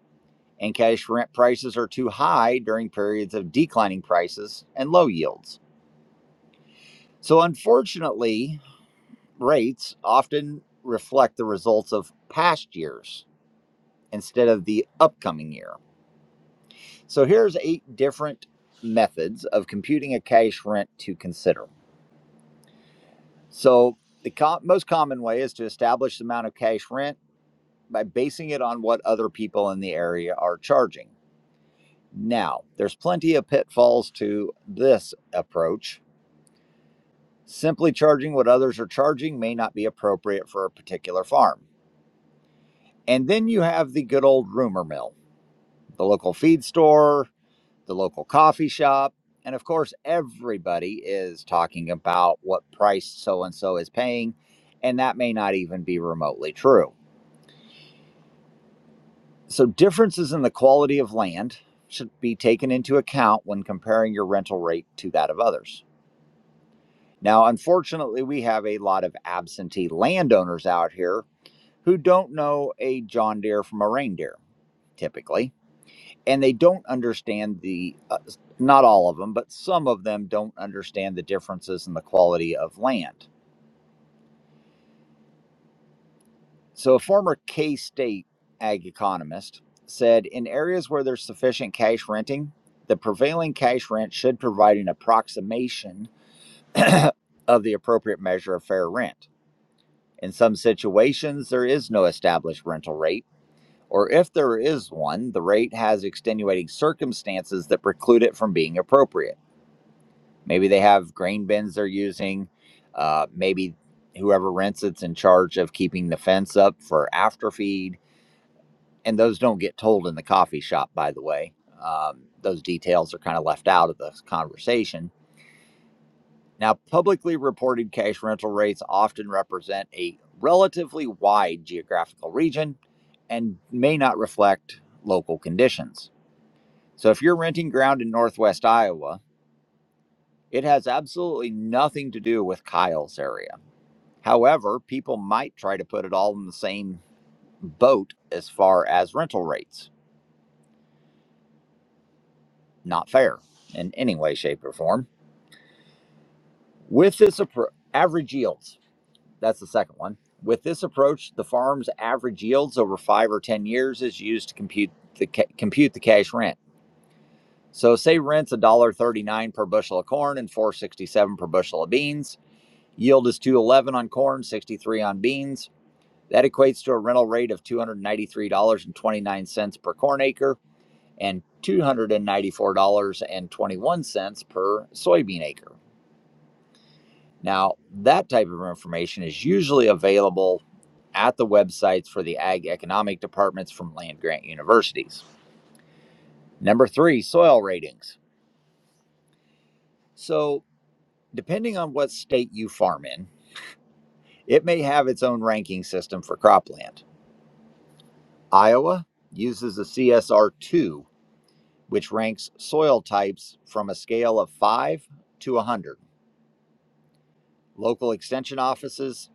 And cash rent prices are too high during periods of declining prices and low yields. So, unfortunately, rates often reflect the results of past years instead of the upcoming year. So here's eight different methods of computing a cash rent to consider. So the co- most common way is to establish the amount of cash rent by basing it on what other people in the area are charging. Now, there's plenty of pitfalls to this approach. Simply charging what others are charging may not be appropriate for a particular farm. And then you have the good old rumor mill, the local feed store, the local coffee shop. And of course, everybody is talking about what price so and so is paying, and that may not even be remotely true. So, differences in the quality of land should be taken into account when comparing your rental rate to that of others. Now, unfortunately, we have a lot of absentee landowners out here who don't know a John Deere from a reindeer, typically. and they don't understand the uh, not all of them but some of them don't understand the differences in the quality of land so a former k-state ag economist said in areas where there's sufficient cash renting the prevailing cash rent should provide an approximation (coughs) of the appropriate measure of fair rent in some situations there is no established rental rate or if there is one the rate has extenuating circumstances that preclude it from being appropriate Maybe they have grain bins they're using. Uh, maybe whoever rents it's in charge of keeping the fence up for after feed. And those don't get told in the coffee shop, by the way. Um, those details are kind of left out of the conversation. Now, publicly reported cash rental rates often represent a relatively wide geographical region and may not reflect local conditions. So, if you're renting ground in Northwest Iowa, it has absolutely nothing to do with Kyle's area. However, people might try to put it all in the same boat as far as rental rates. Not fair in any way, shape, or form. With this approach, average yields, that's the second one. With this approach, the farm's average yields over five or 10 years is used to compute the, ca- compute the cash rent. So, say rent's one dollar thirty-nine per bushel of corn and 467 per bushel of beans. Yield is 211 on corn, 63 on beans. That equates to a rental rate of $293.29 per corn acre and $294.21 per soybean acre. Now, that type of information is usually available at the websites for the ag economic departments from land grant universities. Number three, soil ratings. So, depending on what state you farm in, it may have its own ranking system for cropland. Iowa uses the CSR2, which ranks soil types from a scale of 5 to 100. Local extension offices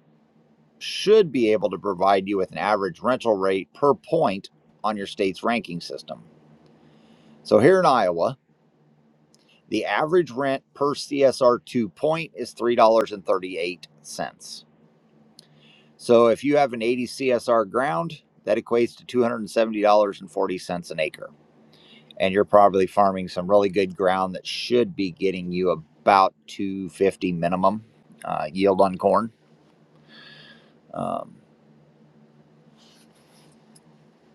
should be able to provide you with an average rental rate per point on your state's ranking system. So here in Iowa, the average rent per CSR2 point is $3.38. So if you have an 80 CSR ground, that equates to $270.40 an acre. and you're probably farming some really good ground that should be getting you about 250 minimum uh, yield on corn. Um,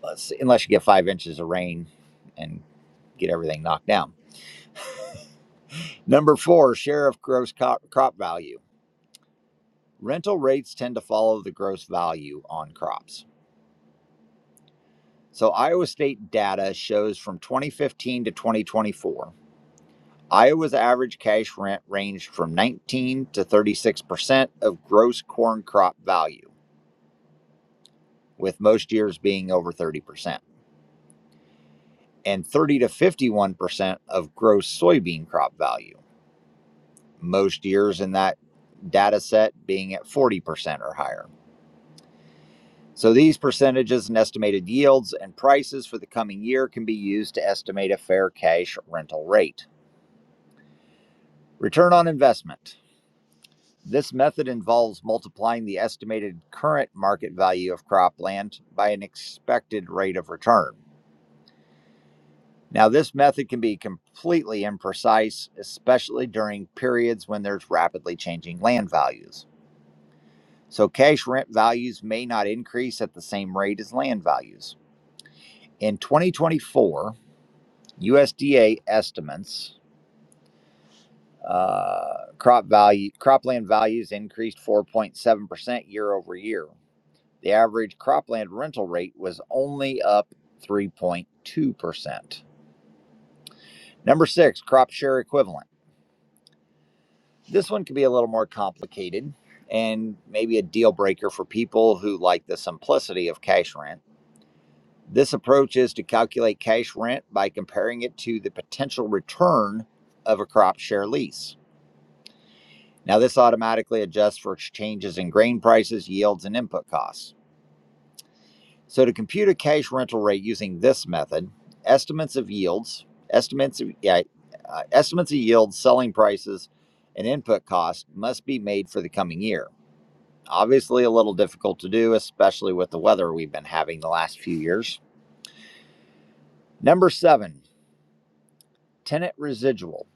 let's see, unless you get five inches of rain and get everything knocked down. Number four, share of gross crop, crop value. Rental rates tend to follow the gross value on crops. So Iowa State data shows from 2015 to 2024, Iowa's average cash rent ranged from 19 to 36% of gross corn crop value. with most years being over 30%, and 30 to 51% of gross soybean crop value, most years in that data set being at 40% or higher. So these percentages and estimated yields and prices for the coming year can be used to estimate a fair cash rental rate. Return on investment. This method involves multiplying the estimated current market value of cropland by an expected rate of return. Now, this method can be completely imprecise, especially during periods when there's rapidly changing land values. So, cash rent values may not increase at the same rate as land values. In 2024, USDA estimates uh, crop value cropland values increased 4.7% year over year. The average cropland rental rate was only up 3.2%. Number six, crop share equivalent. This one could be a little more complicated and maybe a deal breaker for people who like the simplicity of cash rent. This approach is to calculate cash rent by comparing it to the potential return of a crop share lease. Now, this automatically adjusts for changes in grain prices, yields, and input costs. So, to compute a cash rental rate using this method, estimates of yields, estimates of, yeah, uh, estimates of yields, selling prices, and input costs must be made for the coming year. Obviously, a little difficult to do, especially with the weather we've been having the last few years. Number seven, tenant residual.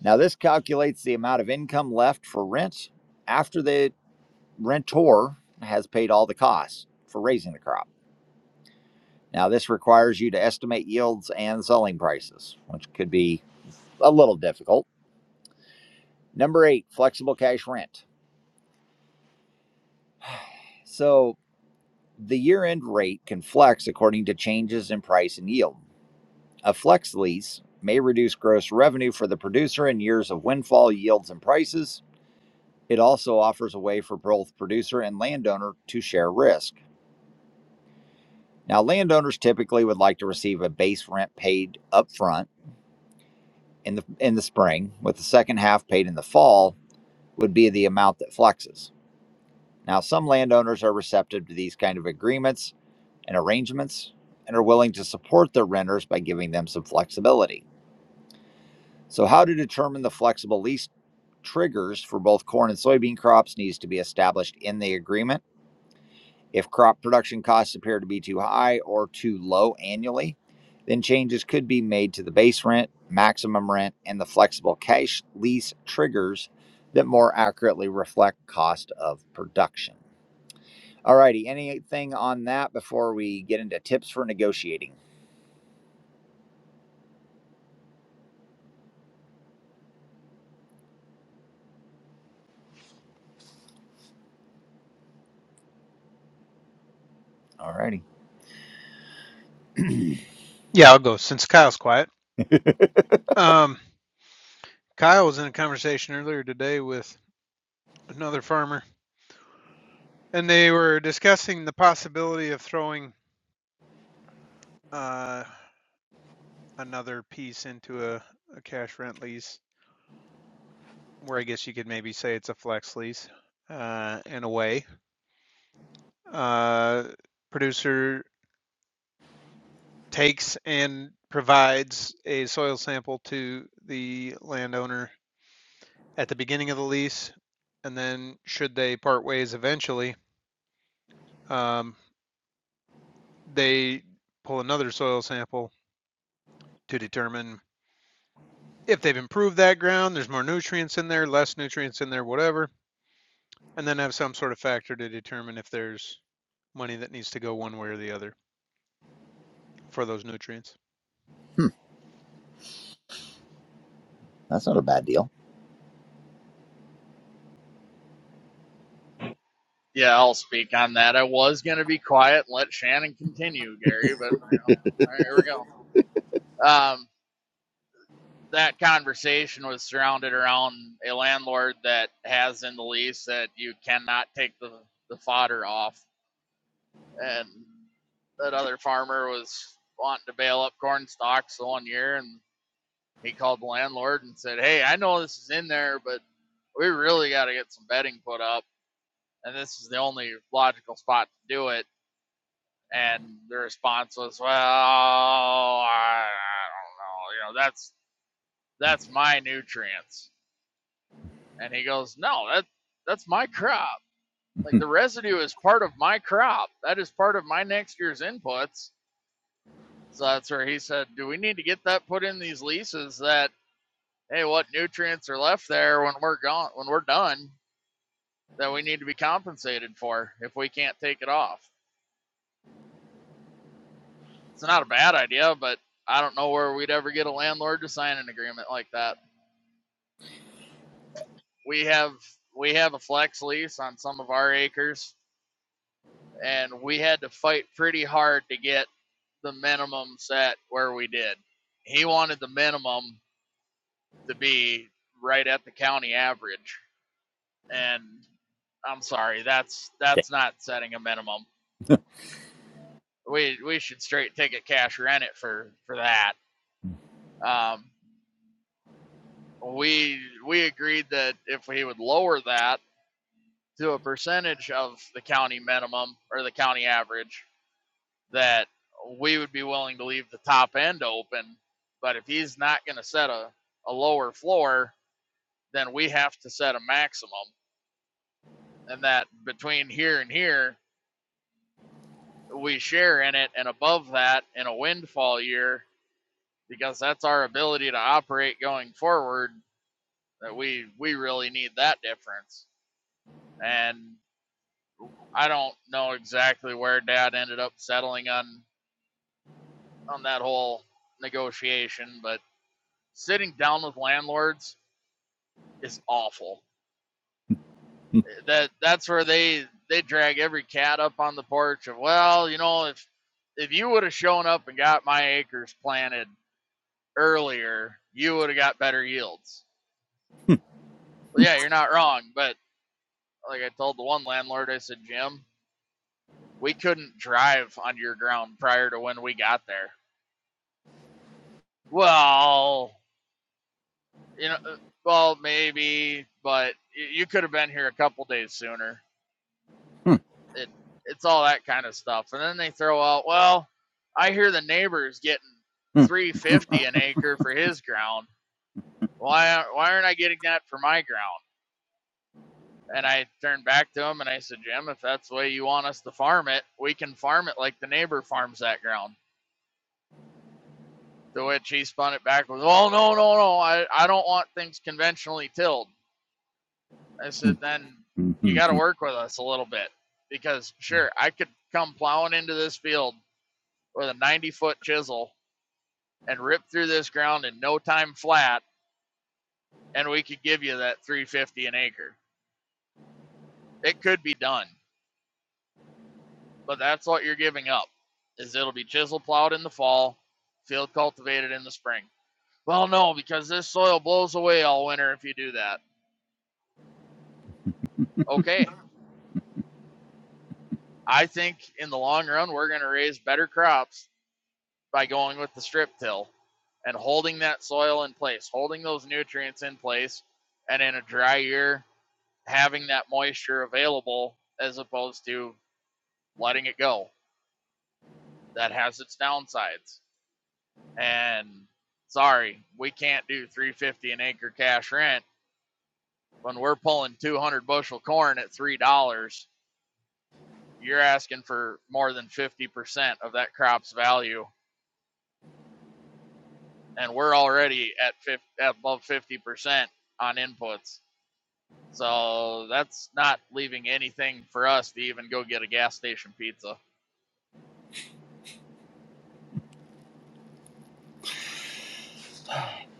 Now, this calculates the amount of income left for rent after the rentor has paid all the costs for raising the crop. Now, this requires you to estimate yields and selling prices, which could be a little difficult. Number eight, flexible cash rent. So, the year end rate can flex according to changes in price and yield. A flex lease may reduce gross revenue for the producer in years of windfall yields and prices. It also offers a way for both producer and landowner to share risk. Now, landowners typically would like to receive a base rent paid up front in the in the spring, with the second half paid in the fall would be the amount that flexes. Now, some landowners are receptive to these kind of agreements and arrangements and are willing to support their renters by giving them some flexibility. So, how to determine the flexible lease triggers for both corn and soybean crops needs to be established in the agreement. If crop production costs appear to be too high or too low annually, then changes could be made to the base rent, maximum rent, and the flexible cash lease triggers that more accurately reflect cost of production. All righty, anything on that before we get into tips for negotiating? All righty.
Yeah, I'll go since Kyle's quiet. Um, Kyle was in a conversation earlier today with another farmer, and they were discussing the possibility of throwing uh, another piece into a, a cash rent lease, where I guess you could maybe say it's a flex lease uh, in a way. Uh, producer takes and provides a soil sample to the landowner at the beginning of the lease. And then should they part ways eventually, um, they pull another soil sample to determine if they've improved that ground, there's more nutrients in there, less nutrients in there, whatever. And then have some sort of factor to determine if there's money that needs to go one way or the other for those nutrients.
Hmm, that's not a bad deal.
Yeah, I'll speak on that. I was gonna be quiet and let Shannon continue, Gary, but you know, all right, here we go. Um, that conversation was surrounded around a landlord that has in the lease that you cannot take the the fodder off, and that other farmer was wanting to bail up corn stalks the one year, and he called the landlord and said, "Hey, I know this is in there, but we really got to get some bedding put up, and this is the only logical spot to do it." And the response was, "Well, I, I don't know. You know, that's that's my nutrients." And he goes, "No, that that's my crop. Like
(laughs)
the residue is part of my crop. That is part of my next year's inputs." So that's where he said, "Do we need to get that put in these leases that hey, what nutrients are left there when we're gone when we're done that we need to be compensated for if we can't take it off?" It's not a bad idea, but I don't know where we'd ever get a landlord to sign an agreement like that. we have we have a flex lease on some of our acres and we had to fight pretty hard to get the minimum set where we did he wanted the minimum to be right at the county average and i'm sorry that's that's not setting a minimum we we should straight take a cash rent it for for that um we we agreed that if we would lower that to a percentage of the county minimum or the county average that we would be willing to leave the top end open. But if he's not going to set a, a lower floor, then we have to set a maximum. And that between here and here, we share in it. And above that, in a windfall year, because that's our ability to operate going forward, that we, we really need that difference. And I don't know exactly where dad ended up settling on, on that whole negotiation, but sitting down with landlords is awful. That that's where they they drag every cat up on the porch of well, you know, if if you would have shown up and got my acres planted earlier, you would have got better yields. Well, yeah, you're not wrong, but like I told the one landlord, I said, Jim, we couldn't drive on your ground prior to when we got there. Well, you know, uh, well maybe, but you could have been here a couple days sooner. it it's all that kind of stuff. And then they throw out, well, I hear the neighbor's getting 350 an acre for his ground. Why why aren't I getting that for my ground? And I turned back to him and I said, Jim, if that's the way you want us to farm it, we can farm it like the neighbor farms that ground. To which he spun it back with, oh no no no, I I don't want things conventionally tilled. I said, then you got to work with us a little bit because sure, I could come plowing into this field with a 90 foot chisel and rip through this ground in no time flat, and we could give you that 350 an acre. It could be done, but that's what you're giving up. Is it'll be chisel plowed in the fall, field cultivated in the spring. Well, no, because this soil blows away all winter if you do that. Okay, I think in the long run we're going to raise better crops by going with the strip till and holding that soil in place, holding those nutrients in place, and in a dry year having that moisture available as opposed to letting it go. That has its downsides. And sorry, we can't do 350 an acre cash rent when we're pulling 200 bushel corn at three dollars. You're asking for more than 50% of that crop's value, and we're already at 50, above 50% on inputs. So that's not leaving anything for us to even go get a gas station pizza.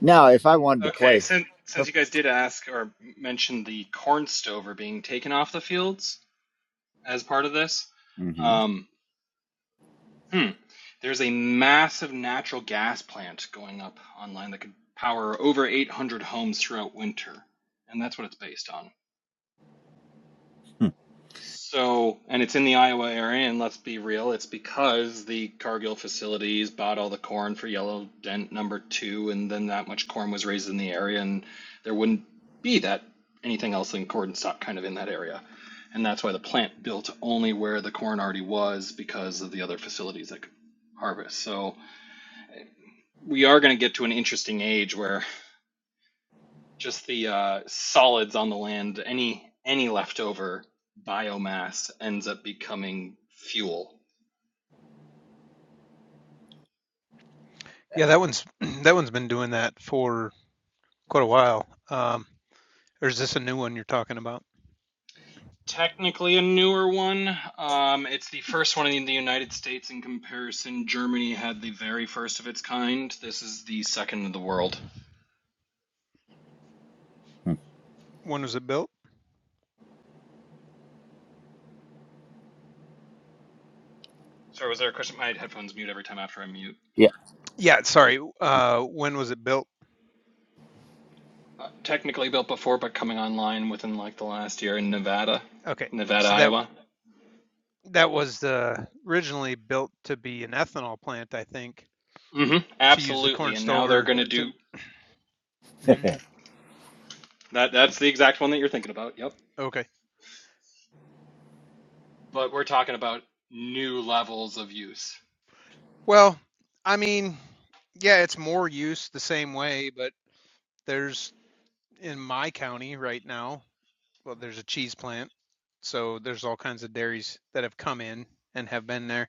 now, if I wanted to
Okay,
play
since since you guys did ask or mention the corn stover being taken off the fields, as part of this.
hmm
Um, hmm. There's a massive natural gas plant going up online that could power over 800 homes throughout winter, and that's what it's based on. So, and it's in the Iowa area, and let's be real, it's because the Cargill facilities bought all the corn for yellow dent number two, and then that much corn was raised in the area, and there wouldn't be that anything else than corn stock kind of in that area. And that's why the plant built only where the corn already was because of the other facilities that could harvest. So, we are going to get to an interesting age where just the uh, solids on the land, any any leftover biomass ends up becoming fuel.
Yeah, that one's (clears throat) that one's been doing that for quite a while. Um, or is this a new one you're talking about?
Technically, a newer one. Um, it's the first one in the United States. In comparison, Germany had the very first of its kind. This is the second in the world.
(laughs)
When was it built?
Sorry, was there a question? My headphones mute every time after I mute.
Yeah.
Yeah, sorry. Uh, when was it built?
Uh, technically built before, but coming online within like the last year in Nevada,
Okay,
Nevada,
so that
Iowa.
That was uh, originally built to be an ethanol plant, I think,
Mm-hmm.
to use the
Absolutely,
corn
and now they're
stover
going to
to.
do. Yep,
Mhm.
(laughs)
that that's the exact one that you're thinking about. Yep.
Okay.
but we're talking about new levels of use.
Well, I mean, yeah, it's more use the same way, but there's in my county right now, well, there's a cheese plant. So there's all kinds of dairies that have come in and have been there,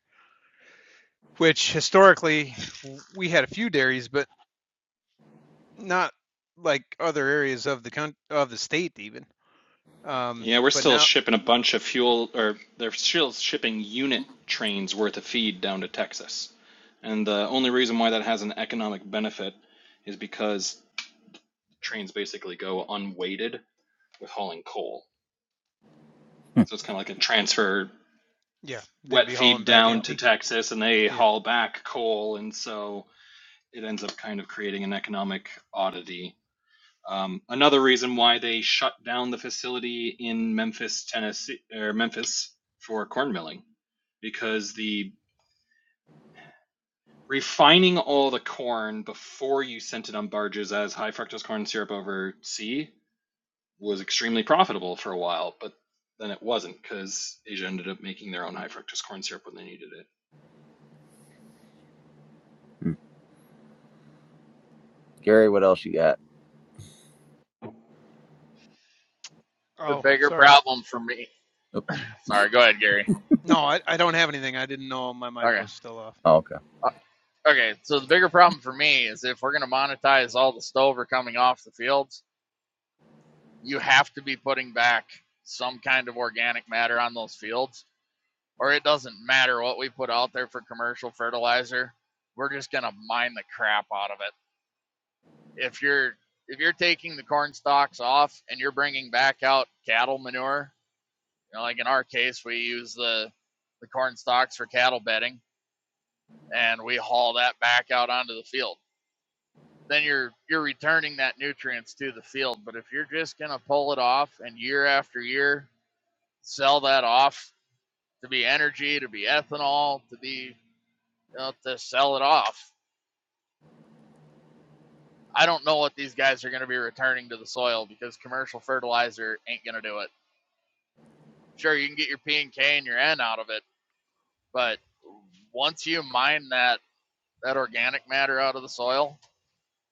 which historically w- we had a few dairies, but not like other areas of the coun of the state even. Um,
Yeah, we're
but
still
now,
shipping a bunch of fuel, or they're still shipping unit trains worth of feed down to Texas. And the only reason why that has an economic benefit is because trains basically go unweighted with hauling coal. So it's kind of like a transfer
yeah, they'd
wet
be
feed
hauling back
down to
empty.
Texas and they
Yeah.
haul back coal. And so it ends up kind of creating an economic oddity Um, another reason why they shut down the facility in Memphis, Tennessee, or Memphis for corn milling, because the refining all the corn before you sent it on barges as high fructose corn syrup over sea was extremely profitable for a while, but then it wasn't because Asia ended up making their own high fructose corn syrup when they needed it.
Hmm. Gary, what else you got?
The
Oh,
bigger
sorry.
problem for me. Sorry, go ahead, Gary.
No, I, I don't have anything. I didn't know my mic
Okay.
was still off.
Oh, okay.
Uh, Okay, so the bigger problem for me is if we're going to monetize all the stover coming off the fields, you have to be putting back some kind of organic matter on those fields, or it doesn't matter what we put out there for commercial fertilizer. We're just going to mine the crap out of it. If you're if you're taking the corn stalks off and you're bringing back out cattle manure, you know, like in our case, we use the the corn stalks for cattle bedding, and we haul that back out onto the field then you're you're returning that nutrients to the field. But if you're just gonna pull it off and year after year sell that off to be energy, to be ethanol, to be you know, to sell it off, I don't know what these guys are gonna be returning to the soil because commercial fertilizer ain't gonna do it. Sure, you can get your P and K and your N out of it, but once you mine that that organic matter out of the soil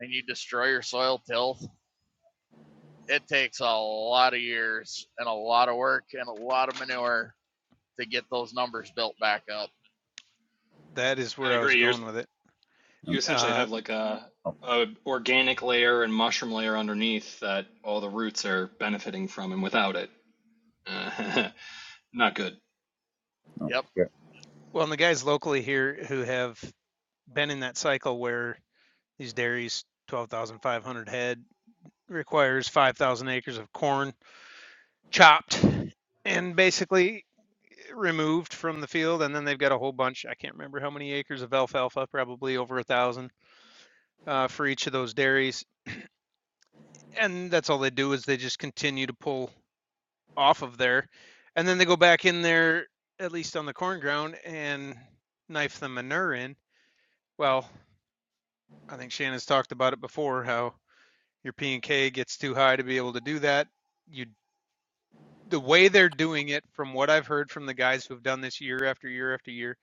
and you destroy your soil tilth it takes a lot of years and a lot of work and a lot of manure to get those numbers built back up.
That is
I
where I was
agree. You're,
going with it.
you
Um,
essentially
Uh,
have like a,
Oh,
a organic layer and mushroom layer underneath that all the roots are benefiting from, and without it. (laughs) uh, Not good.
no.
Yep.
Gary.
well, and the guys locally here who have been in that cycle where these dairies, 12,500 head, requires 5,000 acres of corn chopped and basically removed from the field. And then they've got a whole bunch, I can't remember how many acres of alfalfa, probably over a thousand uh, for each of those dairies. And that's all they do is they just continue to pull off of there, and then they go back in there, at least on the corn ground, and knife the manure in. Well, I think Shannon's talked about it before how your P and K gets too high to be able to do that. You the way they're doing it, from what I've heard from the guys who've done this year after year after year,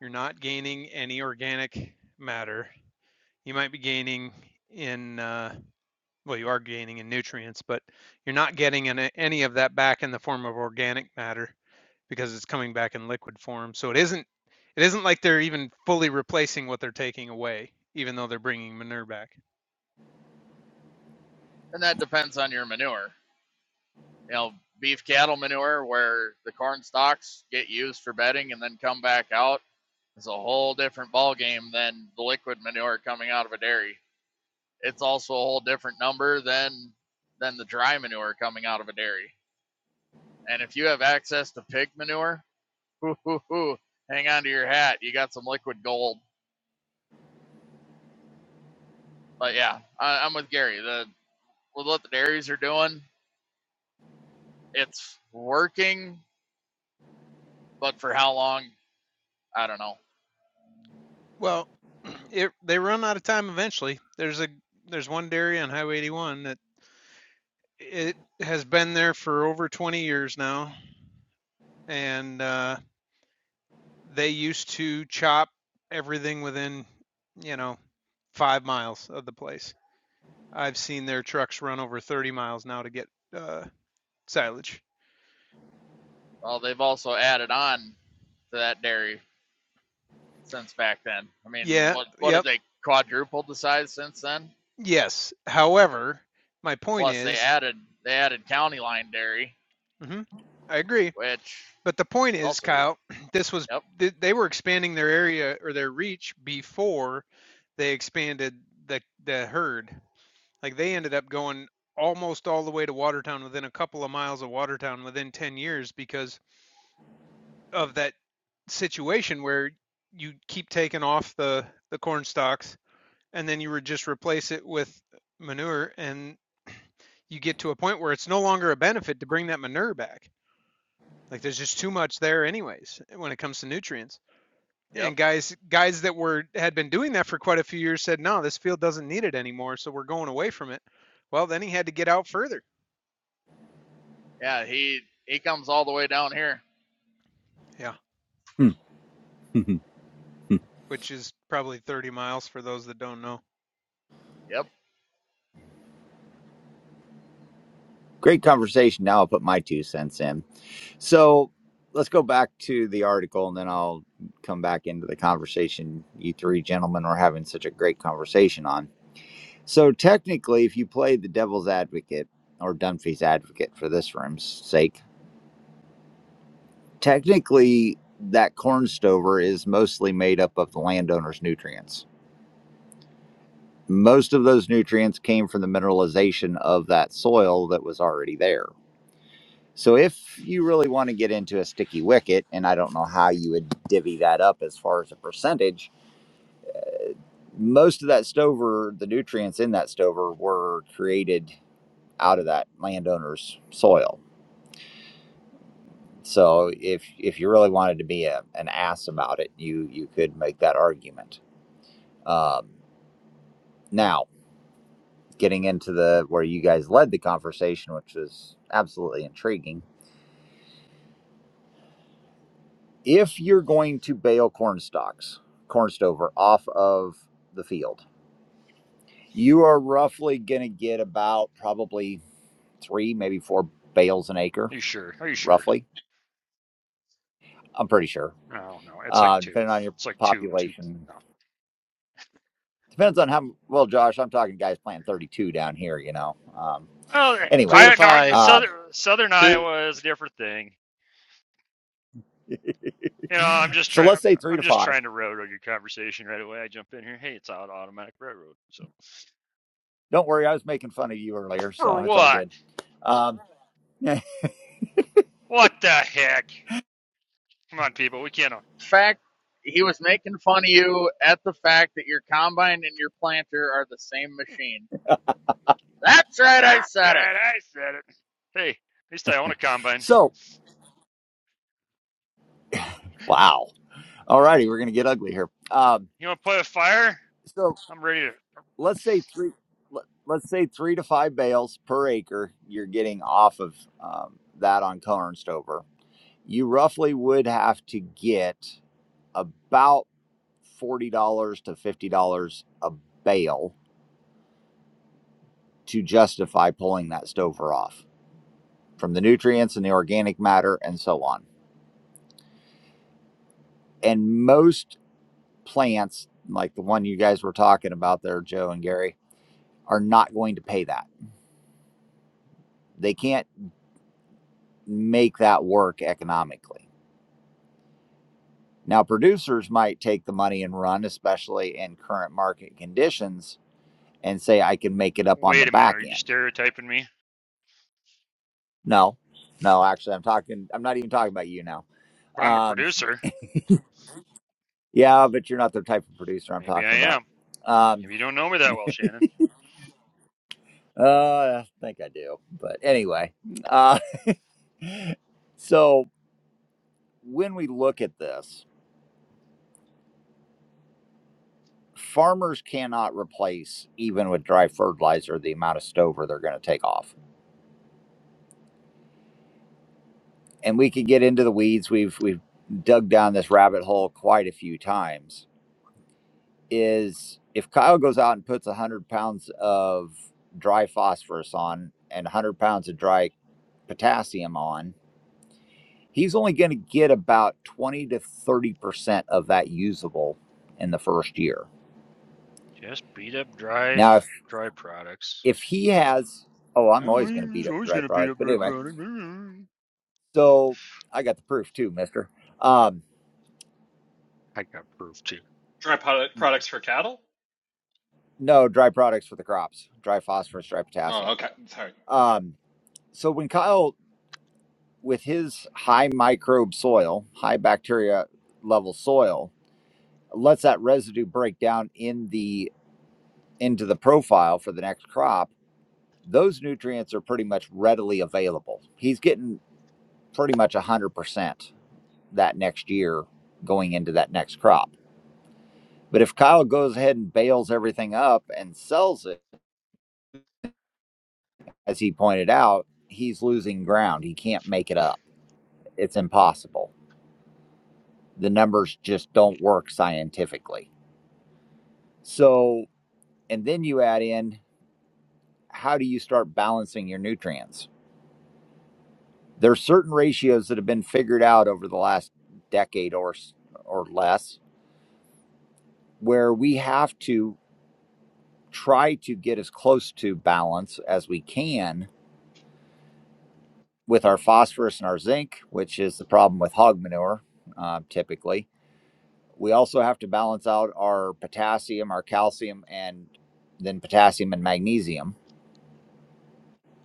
you're not gaining any organic matter. You might be gaining in uh, well, you are gaining in nutrients, but you're not getting an, any of that back in the form of organic matter because it's coming back in liquid form. So it isn't it isn't like they're even fully replacing what they're taking away, even though they're bringing manure back.
And that depends on your manure. You know, beef cattle manure where the corn stalks get used for bedding and then come back out is a whole different ball game than the liquid manure coming out of a dairy. It's also a whole different number than than the dry manure coming out of a dairy. And if you have access to pig manure, (laughs) hoo hoo hoo, hang on to your hat. You got some liquid gold But yeah, I, I'm with Gary. The with what the dairies are doing, it's working, but for how long, I don't know.
Well, (clears throat) it, they run out of time eventually. There's a there's one dairy on Highway 81 that it has been there for over 20 years now, and uh, they used to chop everything within you know five miles of the place I've seen their trucks run over 30 miles now to get uh, silage.
Well, they've also added on to that dairy since back then. I mean,
Yeah,
what what have
yep,
they quadrupled the size since then?
yes. However, my point
Plus, they
is,
added they added County Line Dairy,
hmm I agree.
which is
But the point is,
also huge.
Kyle, (clears throat) this was
Yep,
they were expanding their area or their reach before they expanded the the herd. Like they ended up going almost all the way to Watertown within a couple of miles of Watertown within 10 years because of that situation where you keep taking off the the corn stalks and then you would just replace it with manure and you get to a point where it's no longer a benefit to bring that manure back. Like there's just too much there anyways when it comes to nutrients.
yep,
And guys guys that were had been doing that for quite a few years said, "No, this field doesn't need it anymore, so we're going away from it." Well, then he had to get out further.
yeah. He he comes all the way down here.
Yeah,
Hmm, (laughs)
which is probably 30 miles for those that don't know.
Yep.
Great conversation. Now I'll put my two cents in. So let's go back to the article and then I'll come back into the conversation you three gentlemen were having such a great conversation on. So technically, if you play the devil's advocate or Dunphy's advocate for this room's sake, technically that corn stover is mostly made up of the landowner's nutrients most of those nutrients came from the mineralization of that soil that was already there. So if you really want to get into a sticky wicket, and I don't know how you would divvy that up as far as a percentage, most of that stover, the nutrients in that stover were created out of that landowner's soil. So if if you really wanted to be a, an ass about it, you you could make that argument. Um, now getting into the where you guys led the conversation, which was absolutely intriguing if you're going to bale corn stalks, corn stover off of the field, you are roughly going to get about probably three, maybe four bales an acre,
Are you sure? Are you sure?
roughly. I'm pretty sure,
No, no. It's like
uh,
two.
depending on your
It's like two, two.
population.
No.
Depends on how well, Josh. I'm talking guys planting 32 down here, you know. Um,
Well, eh,
anyway,
Two to
I no.
five.
uh,
Southern Southern
Two.
Iowa is a different thing. You know, I'm just
so
trying.
let's say three
I'm
to
just
five.
trying to railroad your conversation right away. I jump in here. Hey, it's out automatic railroad. So
Don't worry, I was making fun of you earlier, so
for
it's all
what?
good. Um,
What the heck? Come on, people. We can't. all-
Fact, he was making fun of you at the fact that your combine and your planter are the same machine. That's right, I
That's
said it.
right. I said it. Hey, at least I own a
(laughs)
combine.
so, wow. All righty, we're going to get ugly here. Um,
You want to play with fire?
so,
I'm ready to.
let's say three let- let's say three to five bales per acre you're getting off of um, that on corn stover you roughly would have to get about $40 to $50 a bale to justify pulling that stover off from the nutrients and the organic matter and so on and most plants like the one you guys were talking about there joe and gary are not going to pay that they can't make that work economically Now, producers might take the money and run, especially in current market conditions, and say, I can make it up on the
Wait a minute.
back
Are you
end.
stereotyping me?
No, no, actually, I'm talking, I'm not even talking about you now.
But I'm a
Um,
producer.
yeah, but you're not the type of producer I'm
Maybe I
talking
am.
about. Um,
Maybe you don't know me that well, Shannon.
uh, I think I do. But anyway, uh, (laughs) so when we look at this, farmers cannot replace, even with dry fertilizer, the amount of stover they're going to take off and we could get into the weeds. We've we've dug down this rabbit hole quite a few times. Is if Kyle goes out and puts one hundred pounds of dry phosphorus on and one hundred pounds of dry potassium on, he's only going to get about twenty to thirty percent of that usable in the first year.
Just beat up dry
Now, if
dry products.
if he has, oh, I'm
Oh, well,
always going to beat
he's
up
always
dry
gonna beat
products,
up
but
dry
anyway,
products.
so I got the proof too, Mister. Um,
I got proof too.
Dry product, products for cattle?
no dry products for the crops, dry phosphorus, dry potassium
Oh, okay. Sorry.
Um, so when Kyle, with his high microbe soil, high bacteria level soil, lets that residue break down in the into the profile for the next crop, those nutrients are pretty much readily available. He's getting pretty much one hundred percent that next year going into that next crop. But if Kyle goes ahead and bales everything up and sells it, as he pointed out, he's losing ground. He can't make it up. It's impossible. the numbers just don't work scientifically. So, and then you add in how do you start balancing your nutrients? There are certain ratios that have been figured out over the last decade or or less where we have to try to get as close to balance as we can with our phosphorus and our zinc, which is the problem with hog manure uh, typically. We also have to balance out our potassium, our calcium, and then potassium and magnesium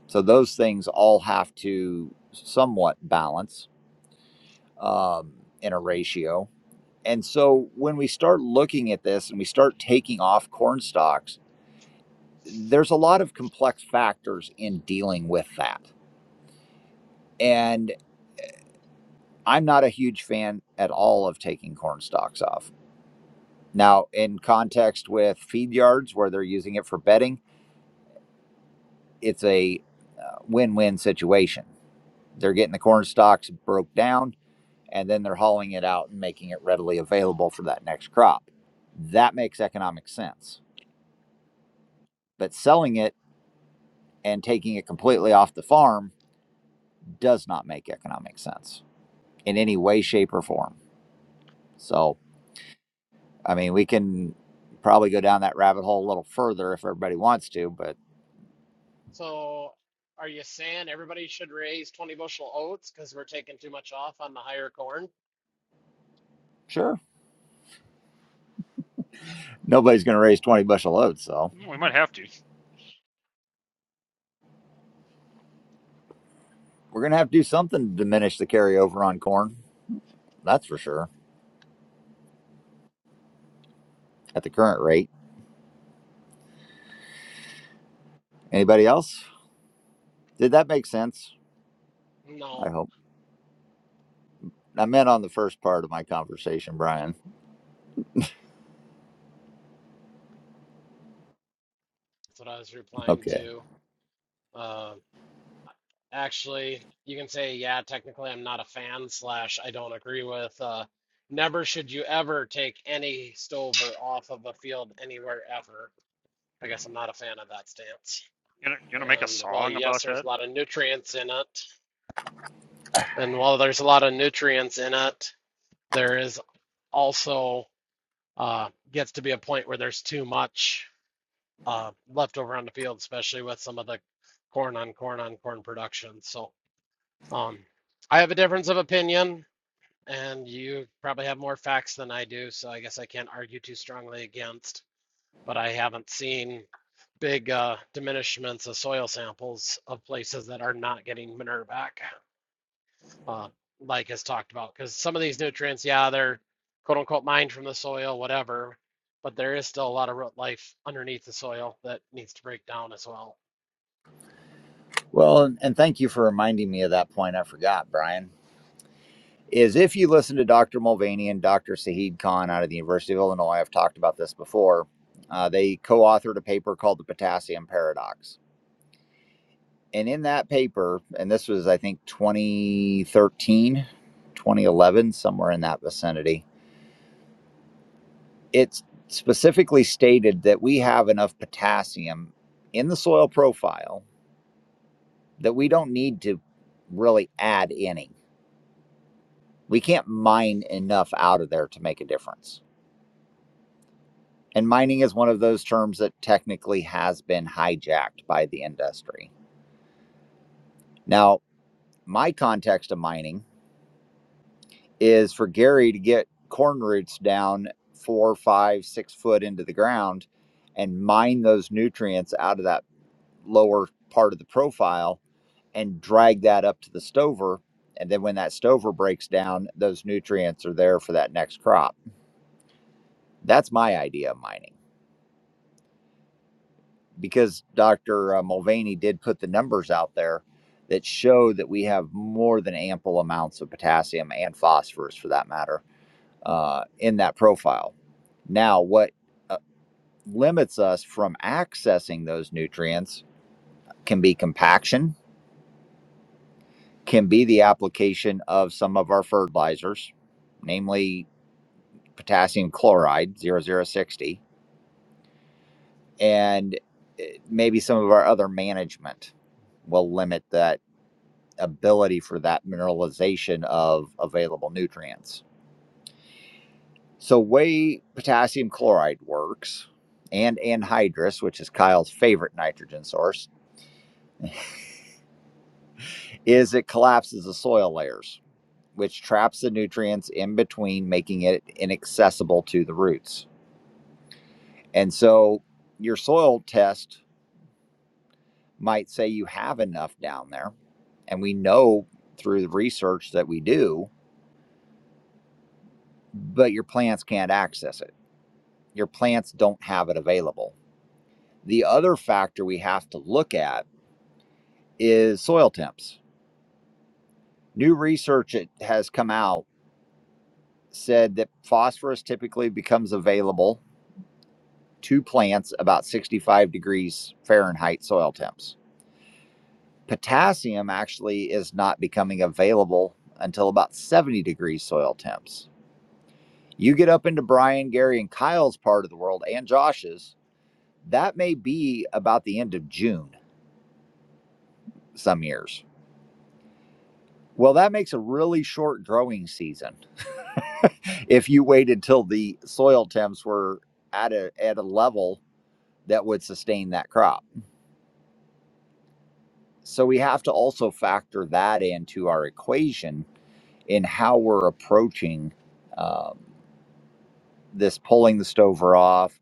So those things all have to somewhat balance um, in a ratio. And so when we start looking at this and we start taking off corn stalks, there's a lot of complex factors in dealing with that. And I'm not a huge fan at all of taking corn stalks off. Now, in context with feed yards where they're using it for bedding, it's a uh, win win situation. They're getting the corn stalks broke down and then they're hauling it out and making it readily available for that next crop. That makes economic sense. But selling it and taking it completely off the farm does not make economic sense in any way, shape, or form. So, I mean, we can probably go down that rabbit hole a little further if everybody wants to, but
So, are you saying everybody should raise 20 bushel oats because we're taking too much off on the higher corn?
sure, nobody's going to raise 20 bushel loads. So,
We might have to.
we're going to have to do something to diminish the carryover on corn. That's for sure at the current rate. Anybody else? Did that make sense? I
No,
hope. I meant on the first part of my conversation, Brian.
that's what I was replying
Okay.
to. Uh, actually, you can say, yeah, technically, I'm not a fan, slash, I don't agree with. Uh, never should you ever take any stover off of a field anywhere ever. I guess I'm not a fan of that stance.
You know, you gonna make a
And while,
song
yes,
about that?
there's a lot of nutrients in it, and while there's a lot of nutrients in it, there is. also uh, gets to be a point where there's too much uh, left over on the field, especially with some of the corn on corn on corn production. So um, I have a difference of opinion, and you probably have more facts than I do. So I guess I can't argue too strongly against, but I haven't seen big uh, diminishments of soil samples of places that are not getting manure back. uh, like has talked about, because some of these nutrients, yeah, they're quote unquote mined from the soil, whatever, but there is still a lot of root life underneath the soil that needs to break down as well.
Well, and, and thank you for reminding me of that point I forgot, Brian. Is if you listen to Dr. Mulvaney and Dr. Saheed Khan out of the University of Illinois, I've talked about this before. Uh, they co authored a paper called The Potassium Paradox. And in that paper, and this was, I think, 2013, 2011, somewhere in that vicinity, it's specifically stated that we have enough potassium in the soil profile that we don't need to really add any. We can't mine enough out of there to make a difference. And mining is one of those terms that technically has been hijacked by the industry. Now, my context of mining is for Gary to get corn roots down four, five, six foot into the ground and mine those nutrients out of that lower part of the profile and drag that up to the stover. And then when that stover breaks down, those nutrients are there for that next crop. That's my idea of mining because Dr. Mulvaney did put the numbers out there that show that we have more than ample amounts of potassium and phosphorus, for that matter, uh, in that profile. Now, what uh, limits us from accessing those nutrients can be compaction, can be the application of some of our fertilizers, namely potassium chloride zero zero sixty, and uh, maybe some of our other management will limit that ability for that mineralization of available nutrients so way potassium chloride works and anhydrous which is kyle's favorite nitrogen source is it collapses the soil layers which traps the nutrients in between making it inaccessible to the roots and so your soil test might say you have enough down there And we know through the research that we do, but your plants can't access it. Your plants don't have it available. The other factor we have to look at is soil temps. New research that has come out said that phosphorus typically becomes available to plants about 65 degrees Fahrenheit soil temps. Potassium actually is not becoming available until about 70 degrees soil temps You get up into Brian, Gary, and Kyle's part of the world and Josh's, that may be about the end of June some years. Well, that makes a really short growing season (laughs) if you waited till the soil temps were at a at a level that would sustain that crop. So we have to also factor that into our equation in how we're approaching um, this pulling the stover off,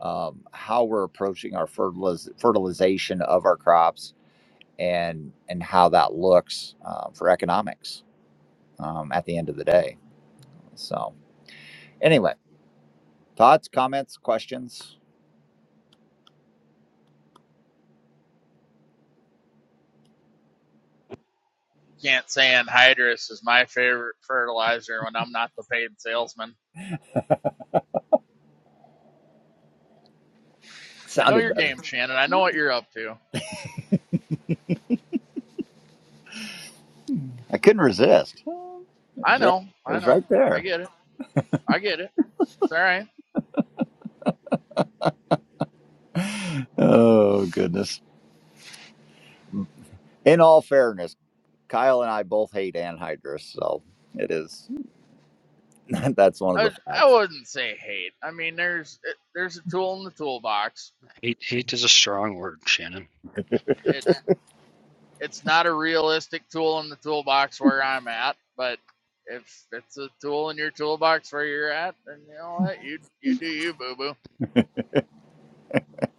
um, how we're approaching our fertiliz- fertilization of our crops, and and how that looks uh, for economics um, at the end of the day. So anyway, thoughts, comments, questions.
You can't say anhydrous is my favorite fertilizer when I'm not the paid salesman. I know
Sounded
your
better.
game, Shannon. I know what you're up to.
I couldn't resist. It
I
was right,
know,
it
I
was
know.
right
I
there.
get it. I get it. It's all right.
(laughs) Oh goodness. In all fairness, Kyle and I both hate anhydrous, so it is. (laughs) That's one of
I,
the
I
facts.
wouldn't say hate. I mean, there's it, there's a tool in the toolbox.
Hate hate is a strong word, Shannon.
It it's not a realistic tool in the toolbox where I'm at, but if it's a tool in your toolbox where you're at, then you know what you you do you boo boo.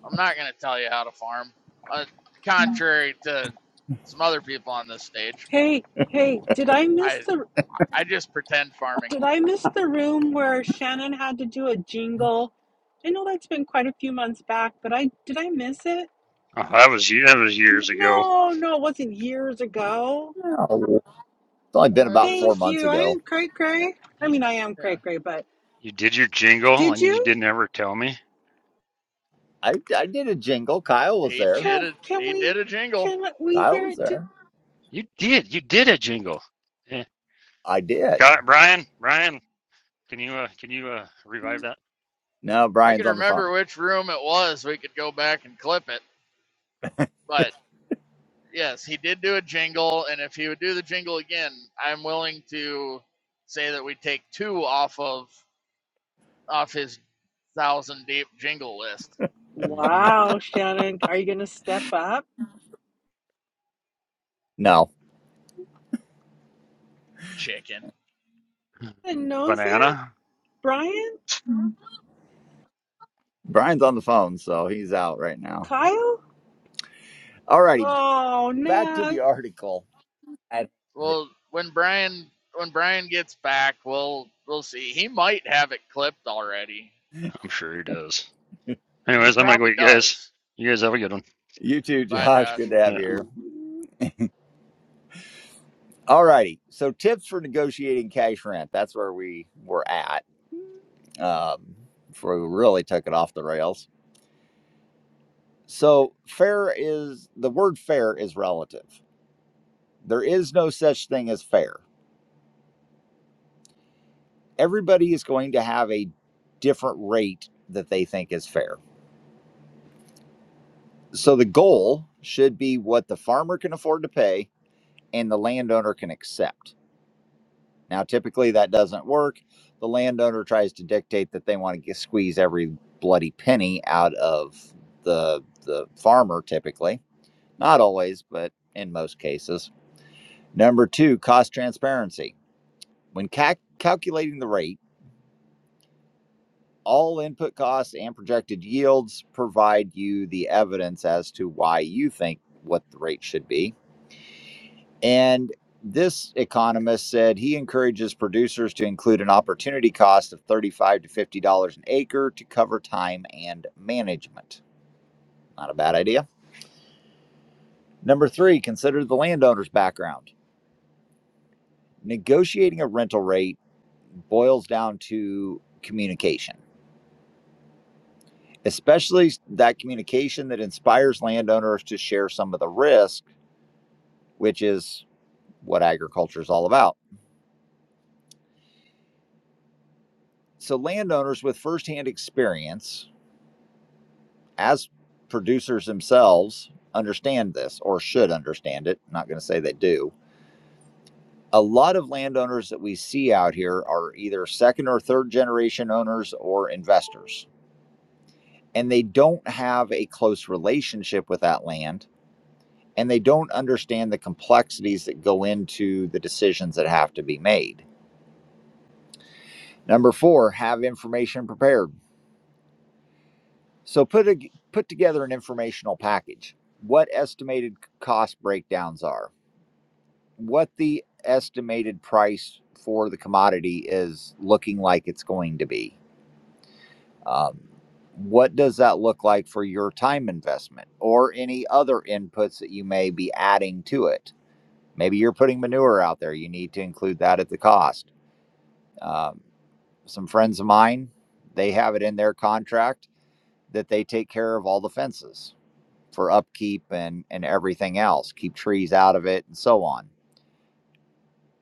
I'm not going to tell you how to farm. Uh, contrary to some other people on this stage,
Hey, hey, did I miss
I
the
I just pretend farming.
Did I miss the room where Shannon had to do a jingle? I know that's been quite a few months back, but I did I miss it?
Oh, that was that was years ago.
No, no, it wasn't years ago.
Yeah, It's only been
Uh, it
about
was a
four
Thank
months
you. I
ago.
am cray
yeah.
cray. I mean,
You,
I am
yeah.
cray cray, but
you did your jingle
did
and you
you?
didn't ever tell me.
I, I did a jingle. Kyle was
He
there.
did
Can
it.
can
He did
we
a jingle.
can we
Kyle
hear
was
it? Too?
there.
You did. You did a jingle. Yeah.
I did.
Got it, Brian. Brian, can you uh, can you uh, revive that?
No,
If I
Brian's
could
on the
remember
phone.
which room it was, we could go back and clip it. But yes, he did do a jingle, and if he would do the jingle again, I'm willing to say that we take two off of off his thousand deep jingle list.
hmm
Wow, Shannon, are you gonna step up?
No,
Chicken.
And knows it,
Banana.
Brian,
Brian's on the phone, so he's out right now.
Kyle.
Alrighty,
Oh,
back to
man.
the (laughs) article. And
Well, when Brian when Brian gets back, we'll we'll see. He might have it clipped already.
I'm sure he does.
He
Anyways, I'm gonna go.
probably
eat, guys.
does.
You guys have a good one.
You too,
Bye,
Josh. Good
Josh.
to
Yeah.
have you here. Alrighty, So, tips for negotiating cash rent. That's where we were at um, before we really took it off the rails. So, fair is the word fair is relative. There is no such thing as fair. everybody is going to have a different rate that they think is fair. So the goal should be what the farmer can afford to pay and the landowner can accept. Now, typically that doesn't work. The landowner tries to dictate that they want to get, squeeze every bloody penny out of the the farmer. Typically, not always, but in most cases. Number two, cost transparency. When calc calculating the rate all input costs and projected yields provide you the evidence as to why you think what the rate should be. And this economist said he encourages producers to include an opportunity cost of 35 to $50 an acre to cover time and management. Not a bad idea. Number three, consider the landowner's background. Negotiating a rental rate boils down to communication especially that communication that inspires landowners to share some of the risk, which is what agriculture is all about. So, landowners with firsthand experience as producers themselves understand this or should understand it. I'm not going to say they do. A lot of landowners that we see out here are either second or third generation owners or investors, and they don't have a close relationship with that land and they don't understand the complexities that go into the decisions that have to be made. Number four, have information prepared. So put a, put together an informational package. What estimated cost breakdowns are, what the estimated price for the commodity is looking like it's going to be. Um, what does that look like for your time investment or any other inputs that you may be adding to it? Maybe you're putting manure out there. You need to include that at the cost Um, some friends of mine, they have it in their contract that they take care of all the fences for upkeep and and everything else, keep trees out of it and so on.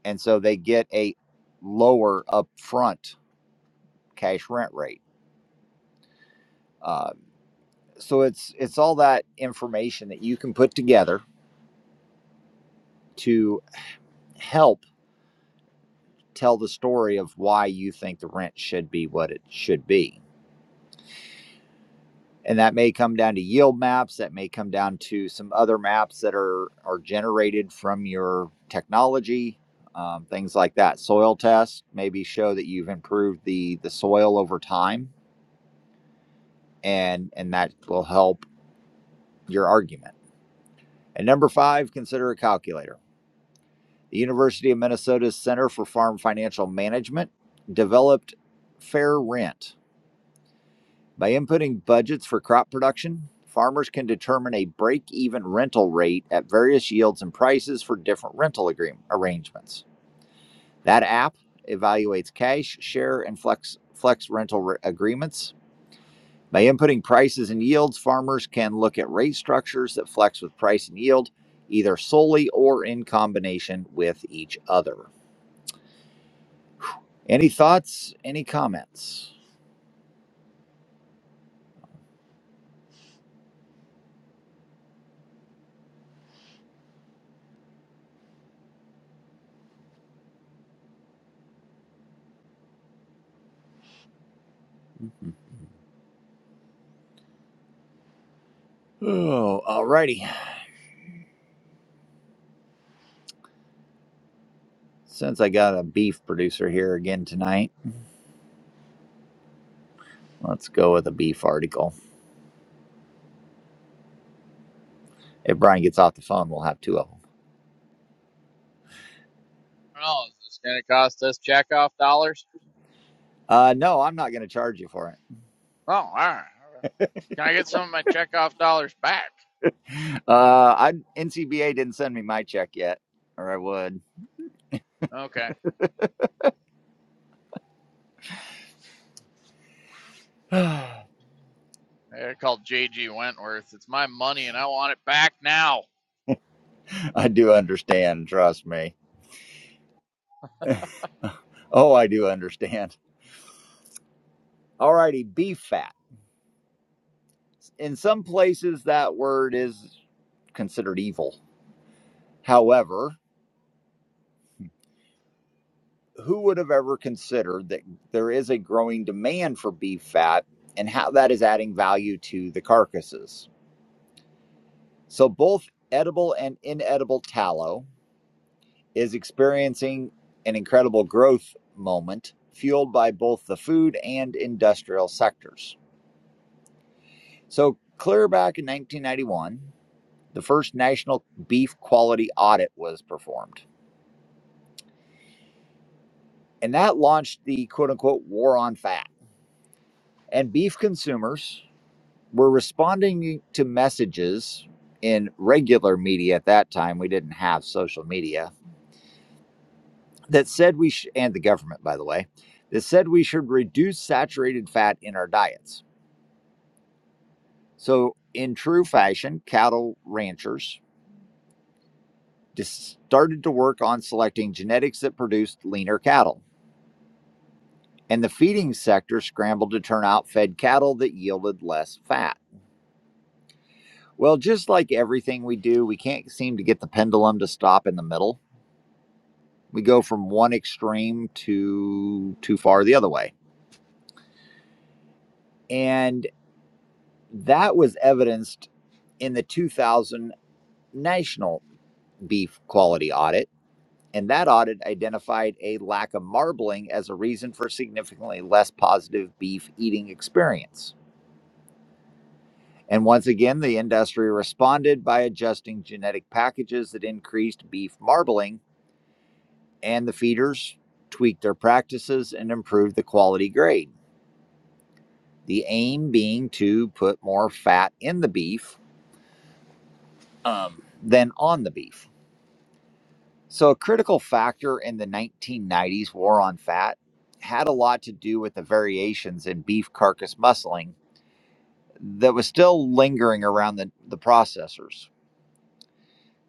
And so they get a lower upfront cash rent rate. Uh, so it's it's all that information that you can put together to help tell the story of why you think the rent should be what it should be and that may come down to yield maps that may come down to some other maps that are are generated from your technology um, things like that soil tests maybe show that you've improved the the soil over time and and that will help your argument and number five consider a calculator the university of minnesota's center for farm financial management developed fair rent By inputting budgets for crop production, farmers can determine a break even rental rate at various yields and prices for different rental agreement arrangements. That app evaluates cash, share, and flex, flex rental re- agreements. By inputting prices and yields, farmers can look at rate structures that flex with price and yield, either solely or in combination with each other. Any thoughts? Any comments? Mm-hmm. Oh, alrighty. Since I got a beef producer here again tonight, let's go with a beef article. If Brian gets off the phone, we'll have two of them.
Oh, is this going to cost us checkoff dollars?
Uh, no, I'm not going to charge you for it.
Oh, all right. Can I get some of my checkoff dollars back?
(sighs) Uh, I NCBA didn't send me my check yet, or I would.
Okay.
(sighs) I
They're called JG Wentworth. It's my money, and I want it back now.
do understand. Trust me. Oh, I do understand. Alrighty, beef fat. In some places, that word is considered evil. However, who would have ever considered that there is a growing demand for beef fat and how that is adding value to the carcasses? So, both edible and inedible tallow is experiencing an incredible growth moment, fueled by both the food and industrial sectors. So, clear back in 1991, the first national beef quality audit was performed, and that launched the quote unquote war on fat. And beef consumers We're responding to messages in regular media at that time. We didn't have social media that said we sh- and the government, by the way, that said we should reduce saturated fat in our diets. So, in true fashion, cattle ranchers dis- started to work on selecting genetics that produced leaner cattle. And the feeding sector scrambled to turn out fed cattle that yielded less fat. Well, just like everything we do, we can't seem to get the pendulum to stop in the middle. we go from one extreme to too far the other way. And that was evidenced in the 2000 national beef quality audit. And that audit identified a lack of marbling as a reason for significantly less positive beef eating experience. And once again, the industry responded by adjusting genetic packages that increased beef marbling, and the feeders tweaked their practices and improved the quality grade. The aim being to put more fat in the beef um, than on the beef. So, a critical factor in the 1990s war on fat had a lot to do with the variations in beef carcass muscling that was still lingering around the, the processors.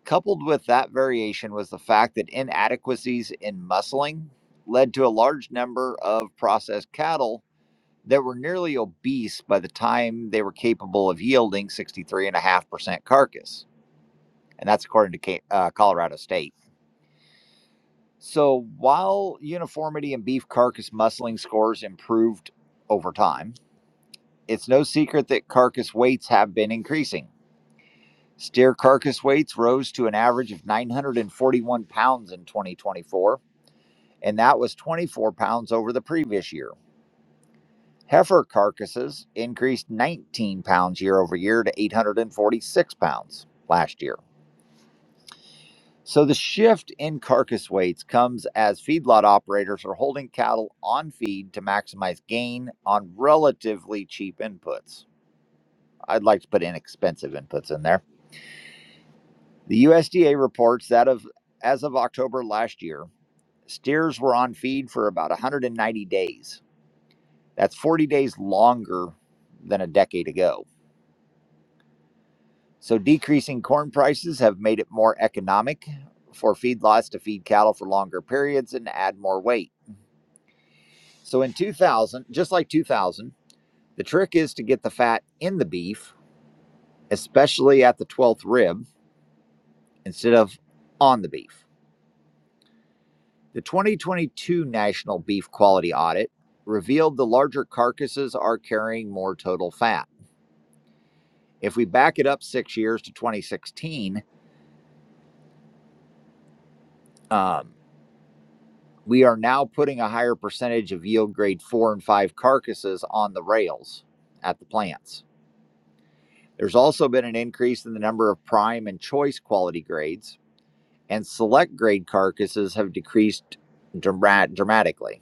Coupled with that variation was the fact that inadequacies in muscling led to a large number of processed cattle that were nearly obese by the time they were capable of yielding 63.5% carcass. and that's according to Ca- uh, Colorado State. So while uniformity in beef carcass muscling scores improved over time, it's no secret that carcass weights have been increasing. Steer carcass weights rose to an average of 941 pounds in 2024, and that was 24 pounds over the previous year. Heifer carcasses increased 19 pounds year over year to 846 pounds last year. So the shift in carcass weights comes as feedlot operators are holding cattle on feed to maximize gain on relatively cheap inputs. I'd like to put inexpensive inputs in there. The USDA reports that of as of October last year, steers were on feed for about 190 days. That's 40 days longer than a decade ago. So decreasing corn prices have made it more economic for feedlots to feed cattle for longer periods and add more weight. So in 2000, just like 2000, the trick is to get the fat in the beef, especially at the 12th rib, instead of on the beef. The 2022 National Beef Quality Audit revealed the larger carcasses are carrying more total fat. If we back it up six years to 2016, um, we are now putting a higher percentage of yield grade four and five carcasses on the rails at the plants. There's also been an increase in the number of prime and choice quality grades and select grade carcasses have decreased dra- dramatically.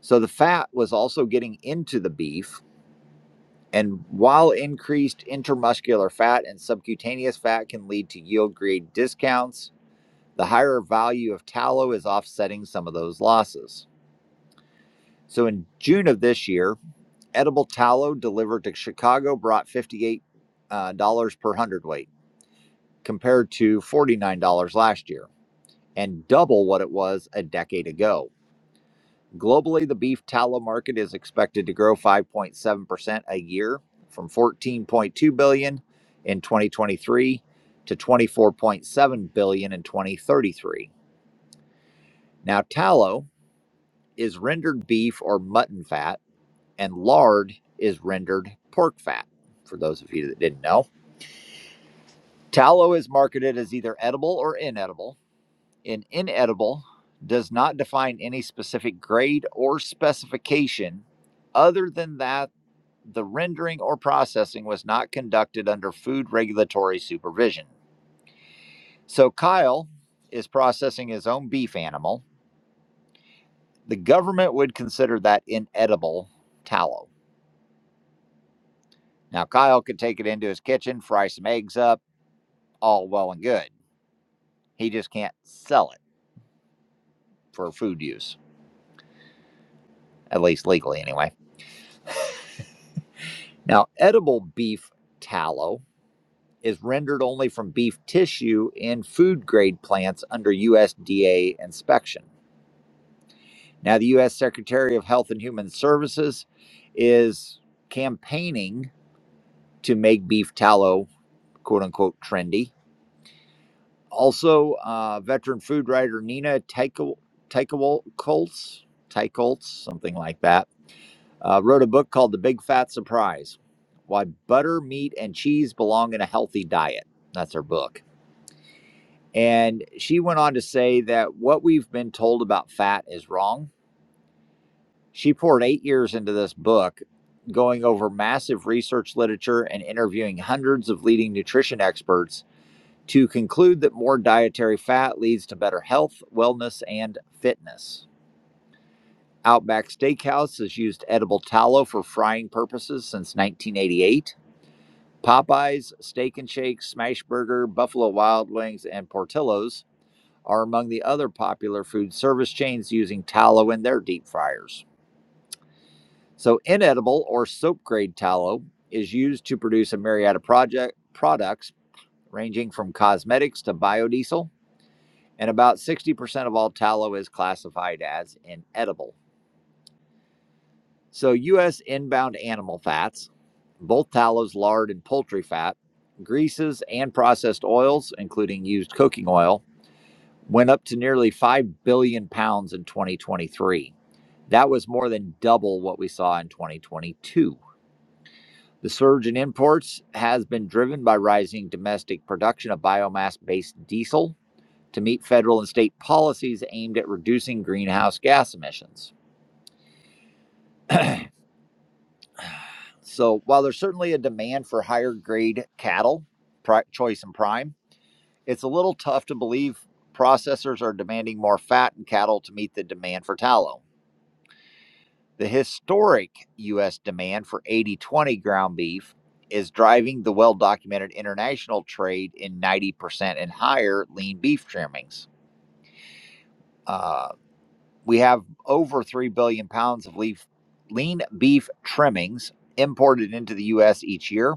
So the fat was also getting into the beef, and while increased intermuscular fat and subcutaneous fat can lead to yield grade discounts, the higher value of tallow is offsetting some of those losses. So in June of this year, edible tallow delivered to Chicago brought $58 uh, dollars per hundredweight compared to $49 last year and double what it was a decade ago. Globally, the beef tallow market is expected to grow 5.7% a year from 14.2 billion dollars in 2023 to 24.7 billion dollars in 2033. Now, tallow is rendered beef or mutton fat and lard is rendered pork fat. For those of you that didn't know, tallow is marketed as either edible or inedible. In inedible does not define any specific grade or specification other than that the rendering or processing was not conducted under food regulatory supervision. So Kyle is processing his own beef animal. The government would consider that inedible tallow. Now, Kyle could take it into his kitchen, fry some eggs up, all well and good. He just can't sell it for food use, at least legally anyway. Now, edible beef tallow is rendered only from beef tissue in food grade plants under USDA inspection. Now, the U.S. Secretary of Health and Human Services is campaigning to make beef tallow, quote unquote, trendy. Also, uh, veteran food writer Nina Teicholz, Teicholz, something like that, uh, wrote a book called The Big Fat Surprise Why Butter, Meat, and Cheese Belong in a Healthy Diet. That's her book. And she went on to say that what we've been told about fat is wrong She poured eight years into this book, going over massive research literature and interviewing hundreds of leading nutrition experts to conclude that more dietary fat leads to better health, wellness, and fitness. Outback Steakhouse has used edible tallow for frying purposes since 1988. Popeyes, Steak and Shake, Smashburger, Buffalo Wild Wings, and Portillo's are among the other popular food service chains using tallow in their deep fryers. So, inedible or soap grade tallow is used to produce a myriad of project products ranging from cosmetics to biodiesel, and about 60% of all tallow is classified as inedible. So, U.S. inbound animal fats, both tallows, lard, and poultry fat, greases, and processed oils, including used cooking oil, went up to nearly 5 billion pounds in 2023. That was more than double what we saw in 2022. The surge in imports has been driven by rising domestic production of biomass based diesel to meet federal and state policies aimed at reducing greenhouse gas emissions. (clears throat) So, while there's certainly a demand for higher grade cattle, pri- choice and prime, it's a little tough to believe processors are demanding more fat in cattle to meet the demand for tallow. The historic U.S. demand for 80 20 ground beef is driving the well documented international trade in 90% and higher lean beef trimmings. Uh, we have over 3 billion pounds of leaf, lean beef trimmings imported into the U.S. each year.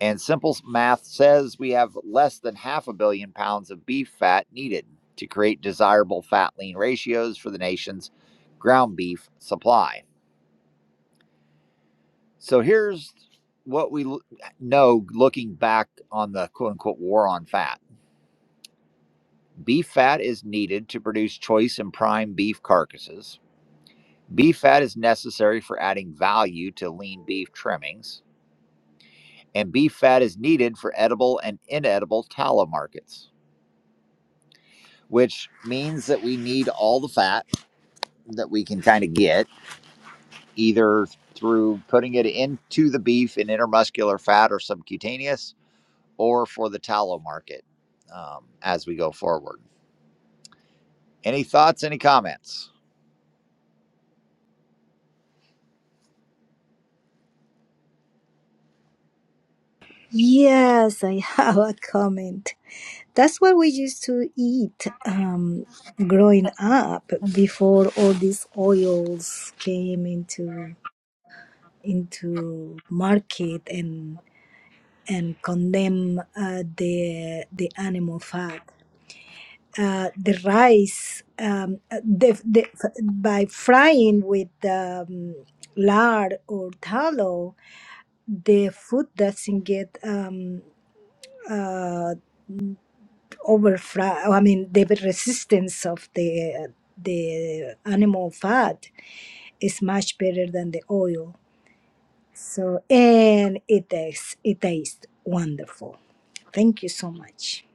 And simple math says we have less than half a billion pounds of beef fat needed to create desirable fat lean ratios for the nation's ground beef supply. So here's what we know looking back on the quote unquote war on fat. Beef fat is needed to produce choice and prime beef carcasses. Beef fat is necessary for adding value to lean beef trimmings. And beef fat is needed for edible and inedible tallow markets, which means that we need all the fat that we can kind of get, either through putting it into the beef in intermuscular fat or subcutaneous, or for the tallow market um, as we go forward. Any thoughts? Any comments?
Yes, I (laughs) have a comment. That's what we used to eat um, growing up before all these oils came into into market and and condemn uh, the the animal fat. Uh, the rice um, the, the, by frying with um, lard or tallow, the food doesn't get um, uh, overfat i mean the resistance of the the animal fat is much better than the oil so and it tastes it tastes wonderful thank you so much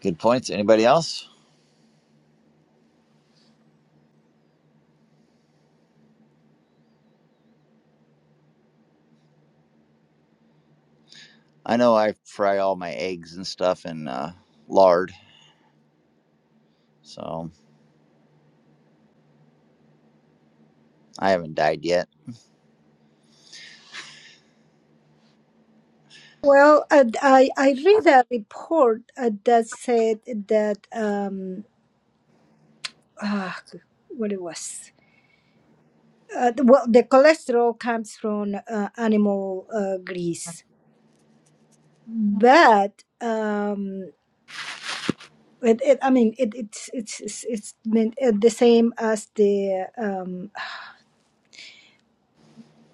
Good points. Anybody else? I know I fry all my eggs and stuff in uh, lard, so I haven't died yet.
well uh, i i read a report uh, that said that um ah, what it was uh, the- well the cholesterol comes from uh, animal uh, grease but um It, it, I mean, it, it's it's it's it's meant, uh, the same as the. Um,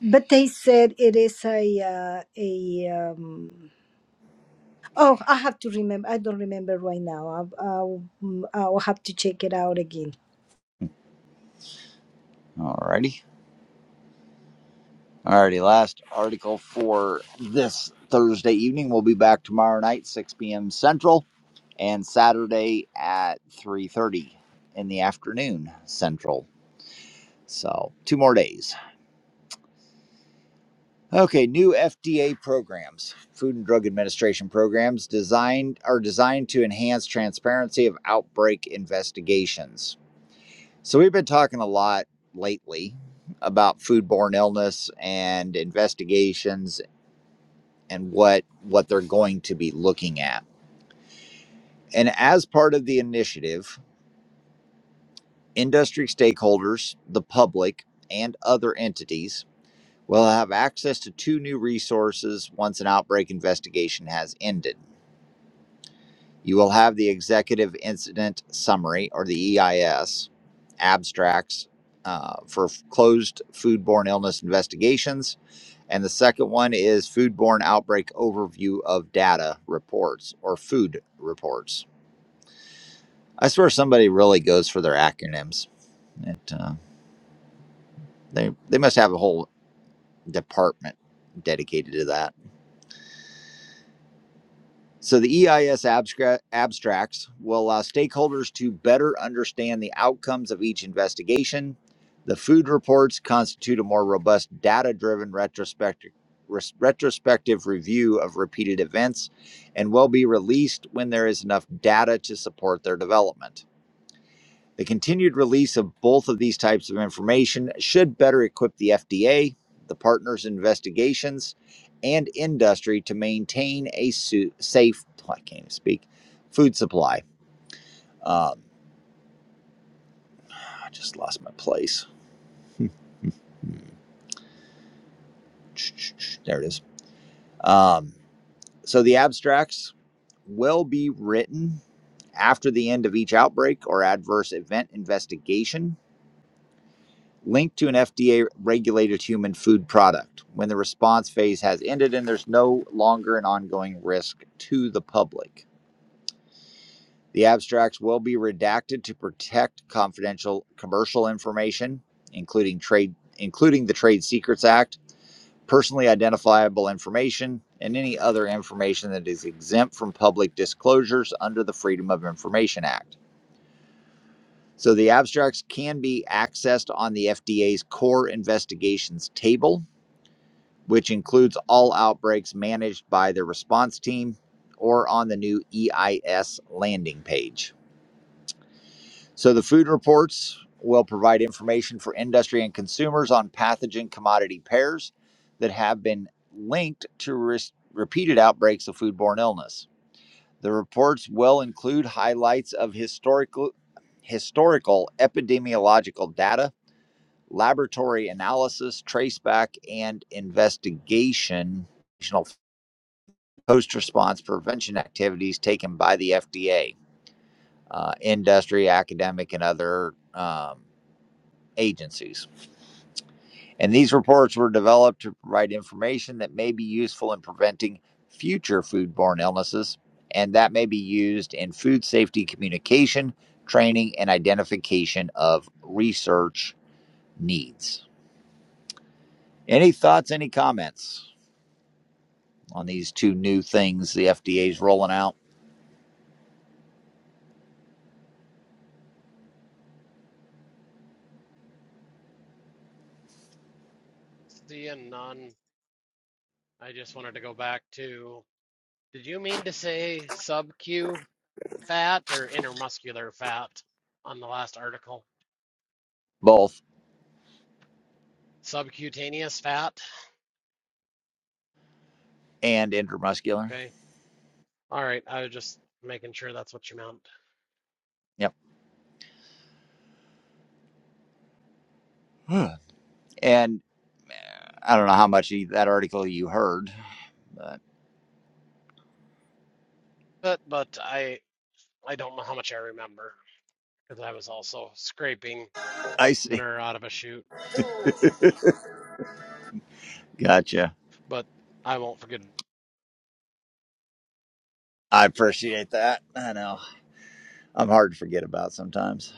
but they said it is a uh, a. Um, oh, I have to remember. I don't remember right now. I, I'll mm, I'll have to check it out again.
Alrighty. Alrighty. Last article for this Thursday evening. We'll be back tomorrow night, 6 p.m. Central, and Saturday at 3:30 in the afternoon Central. So two more days. Okay, new FDA programs, Food and Drug Administration programs designed are designed to enhance transparency of outbreak investigations. So we've been talking a lot lately about foodborne illness and investigations and what what they're going to be looking at. And as part of the initiative, industry stakeholders, the public, and other entities will have access to two new resources once an outbreak investigation has ended. You will have the Executive Incident Summary, or the EIS, abstracts uh, for f- closed foodborne illness investigations. And the second one is Foodborne Outbreak Overview of Data Reports, or food reports. I swear somebody really goes for their acronyms. It, uh, they, they must have a whole department dedicated to that. So the EIS abstract, abstracts will allow stakeholders to better understand the outcomes of each investigation. The food reports constitute a more robust data-driven retrospective res- retrospective review of repeated events and will be released when there is enough data to support their development. The continued release of both of these types of information should better equip the FDA, the partners' investigations, and industry to maintain a su- safe, I can't even speak, food supply. Um, I just lost my place. (laughs) there it is. Um, so the abstracts will be written after the end of each outbreak or adverse event investigation linked to an FDA regulated human food product when the response phase has ended and there's no longer an ongoing risk to the public. The abstracts will be redacted to protect confidential commercial information, including trade including the Trade Secrets Act, personally identifiable information, and any other information that is exempt from public disclosures under the Freedom of Information Act. So the abstracts can be accessed on the FDA's core investigations table which includes all outbreaks managed by the response team or on the new EIS landing page. So the food reports will provide information for industry and consumers on pathogen commodity pairs that have been linked to res- repeated outbreaks of foodborne illness. The reports will include highlights of historical historical epidemiological data, laboratory analysis, traceback and investigation post response prevention activities taken by the FDA, uh, industry, academic, and other um, agencies. And these reports were developed to provide information that may be useful in preventing future foodborne illnesses, and that may be used in food safety communication, training, and identification of research needs. Any thoughts, any comments on these two new things the FDA is rolling out,
Seeing none, I just wanted to go back to, did you mean to say sub Q fat or intermuscular fat on the last article?
both
Subcutaneous fat?
and intramuscular?
Okay. All right. I was just making sure that's what you meant.
Yep. Hmm. And I don't know how much of that article you heard, but
But but I I don't know how much I remember because I was also scraping
I see.
minor out of a shoot,
Gotcha.
but I won't forget
I appreciate that. I know. I'm hard to forget about sometimes.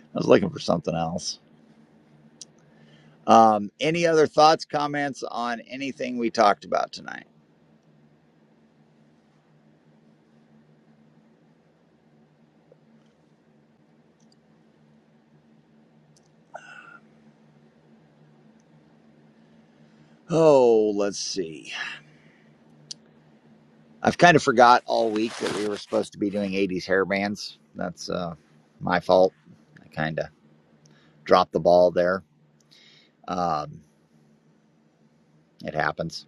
I was looking for something else. Um, any other thoughts, comments on anything we talked about tonight? Oh, let's see. I've kind of forgot all week that we were supposed to be doing 80s hair bands. That's uh, my fault. I kind of dropped the ball there. Um, it happens.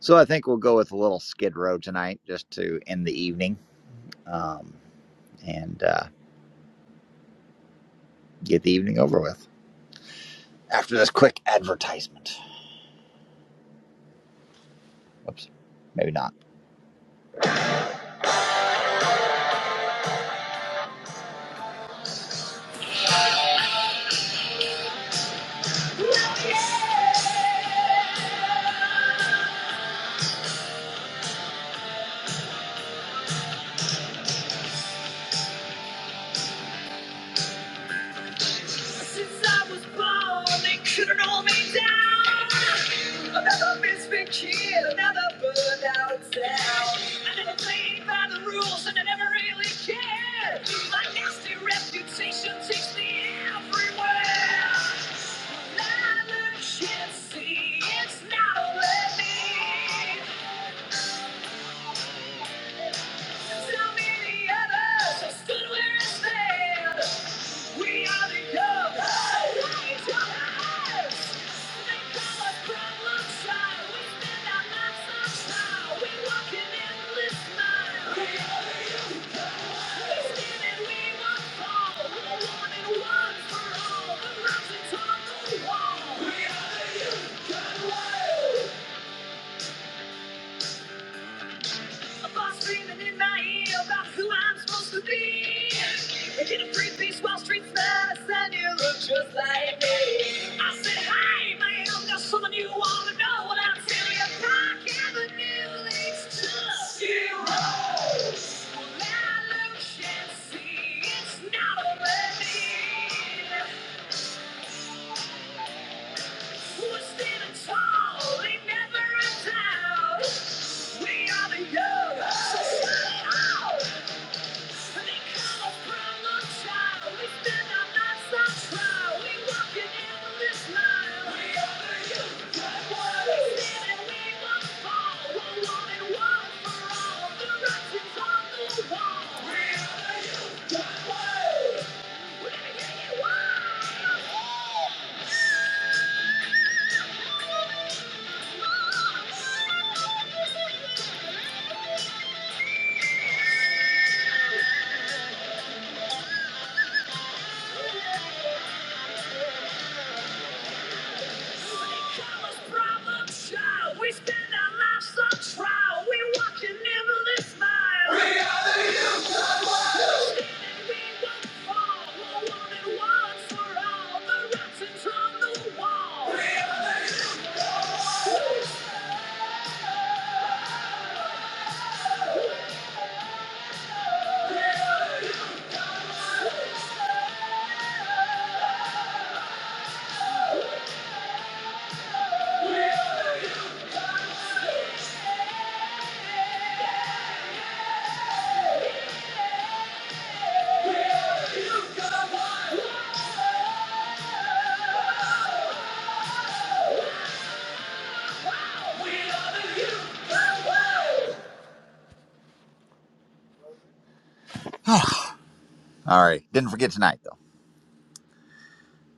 So I think we'll go with a little skid row tonight just to end the evening. um, and uh, get the evening over with after this quick advertisement. Whoops, maybe not. Since I was born, they couldn't hold me down. Another misfit kid, another burned out town. I never played by the rules and I never really cared. My nasty reputation takes me everywhere. I look and see it's not over me. Tell me the others, I stood where I stand. We are the young. They call us problem child. We spend our lives on trial. We walk an endless mile. We are the young. We stand and we won't fall. We're one and one for all. The mountains on the wall. We are the young. Screaming in my ear about who I'm supposed to be. Making a free piece while streets mad. I you look just like me. I said, hey man, there's something you want to know. What I'm telling you, Park Avenue leads to zero. Well, I look and see it's not a relief. Who's been a town? We never a We are the young. So come out. Thank you. All right. Didn't forget tonight, though.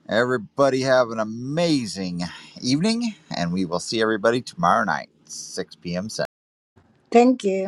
Everybody have an amazing evening, and we will see everybody tomorrow night, 6 p.m.
Thank you.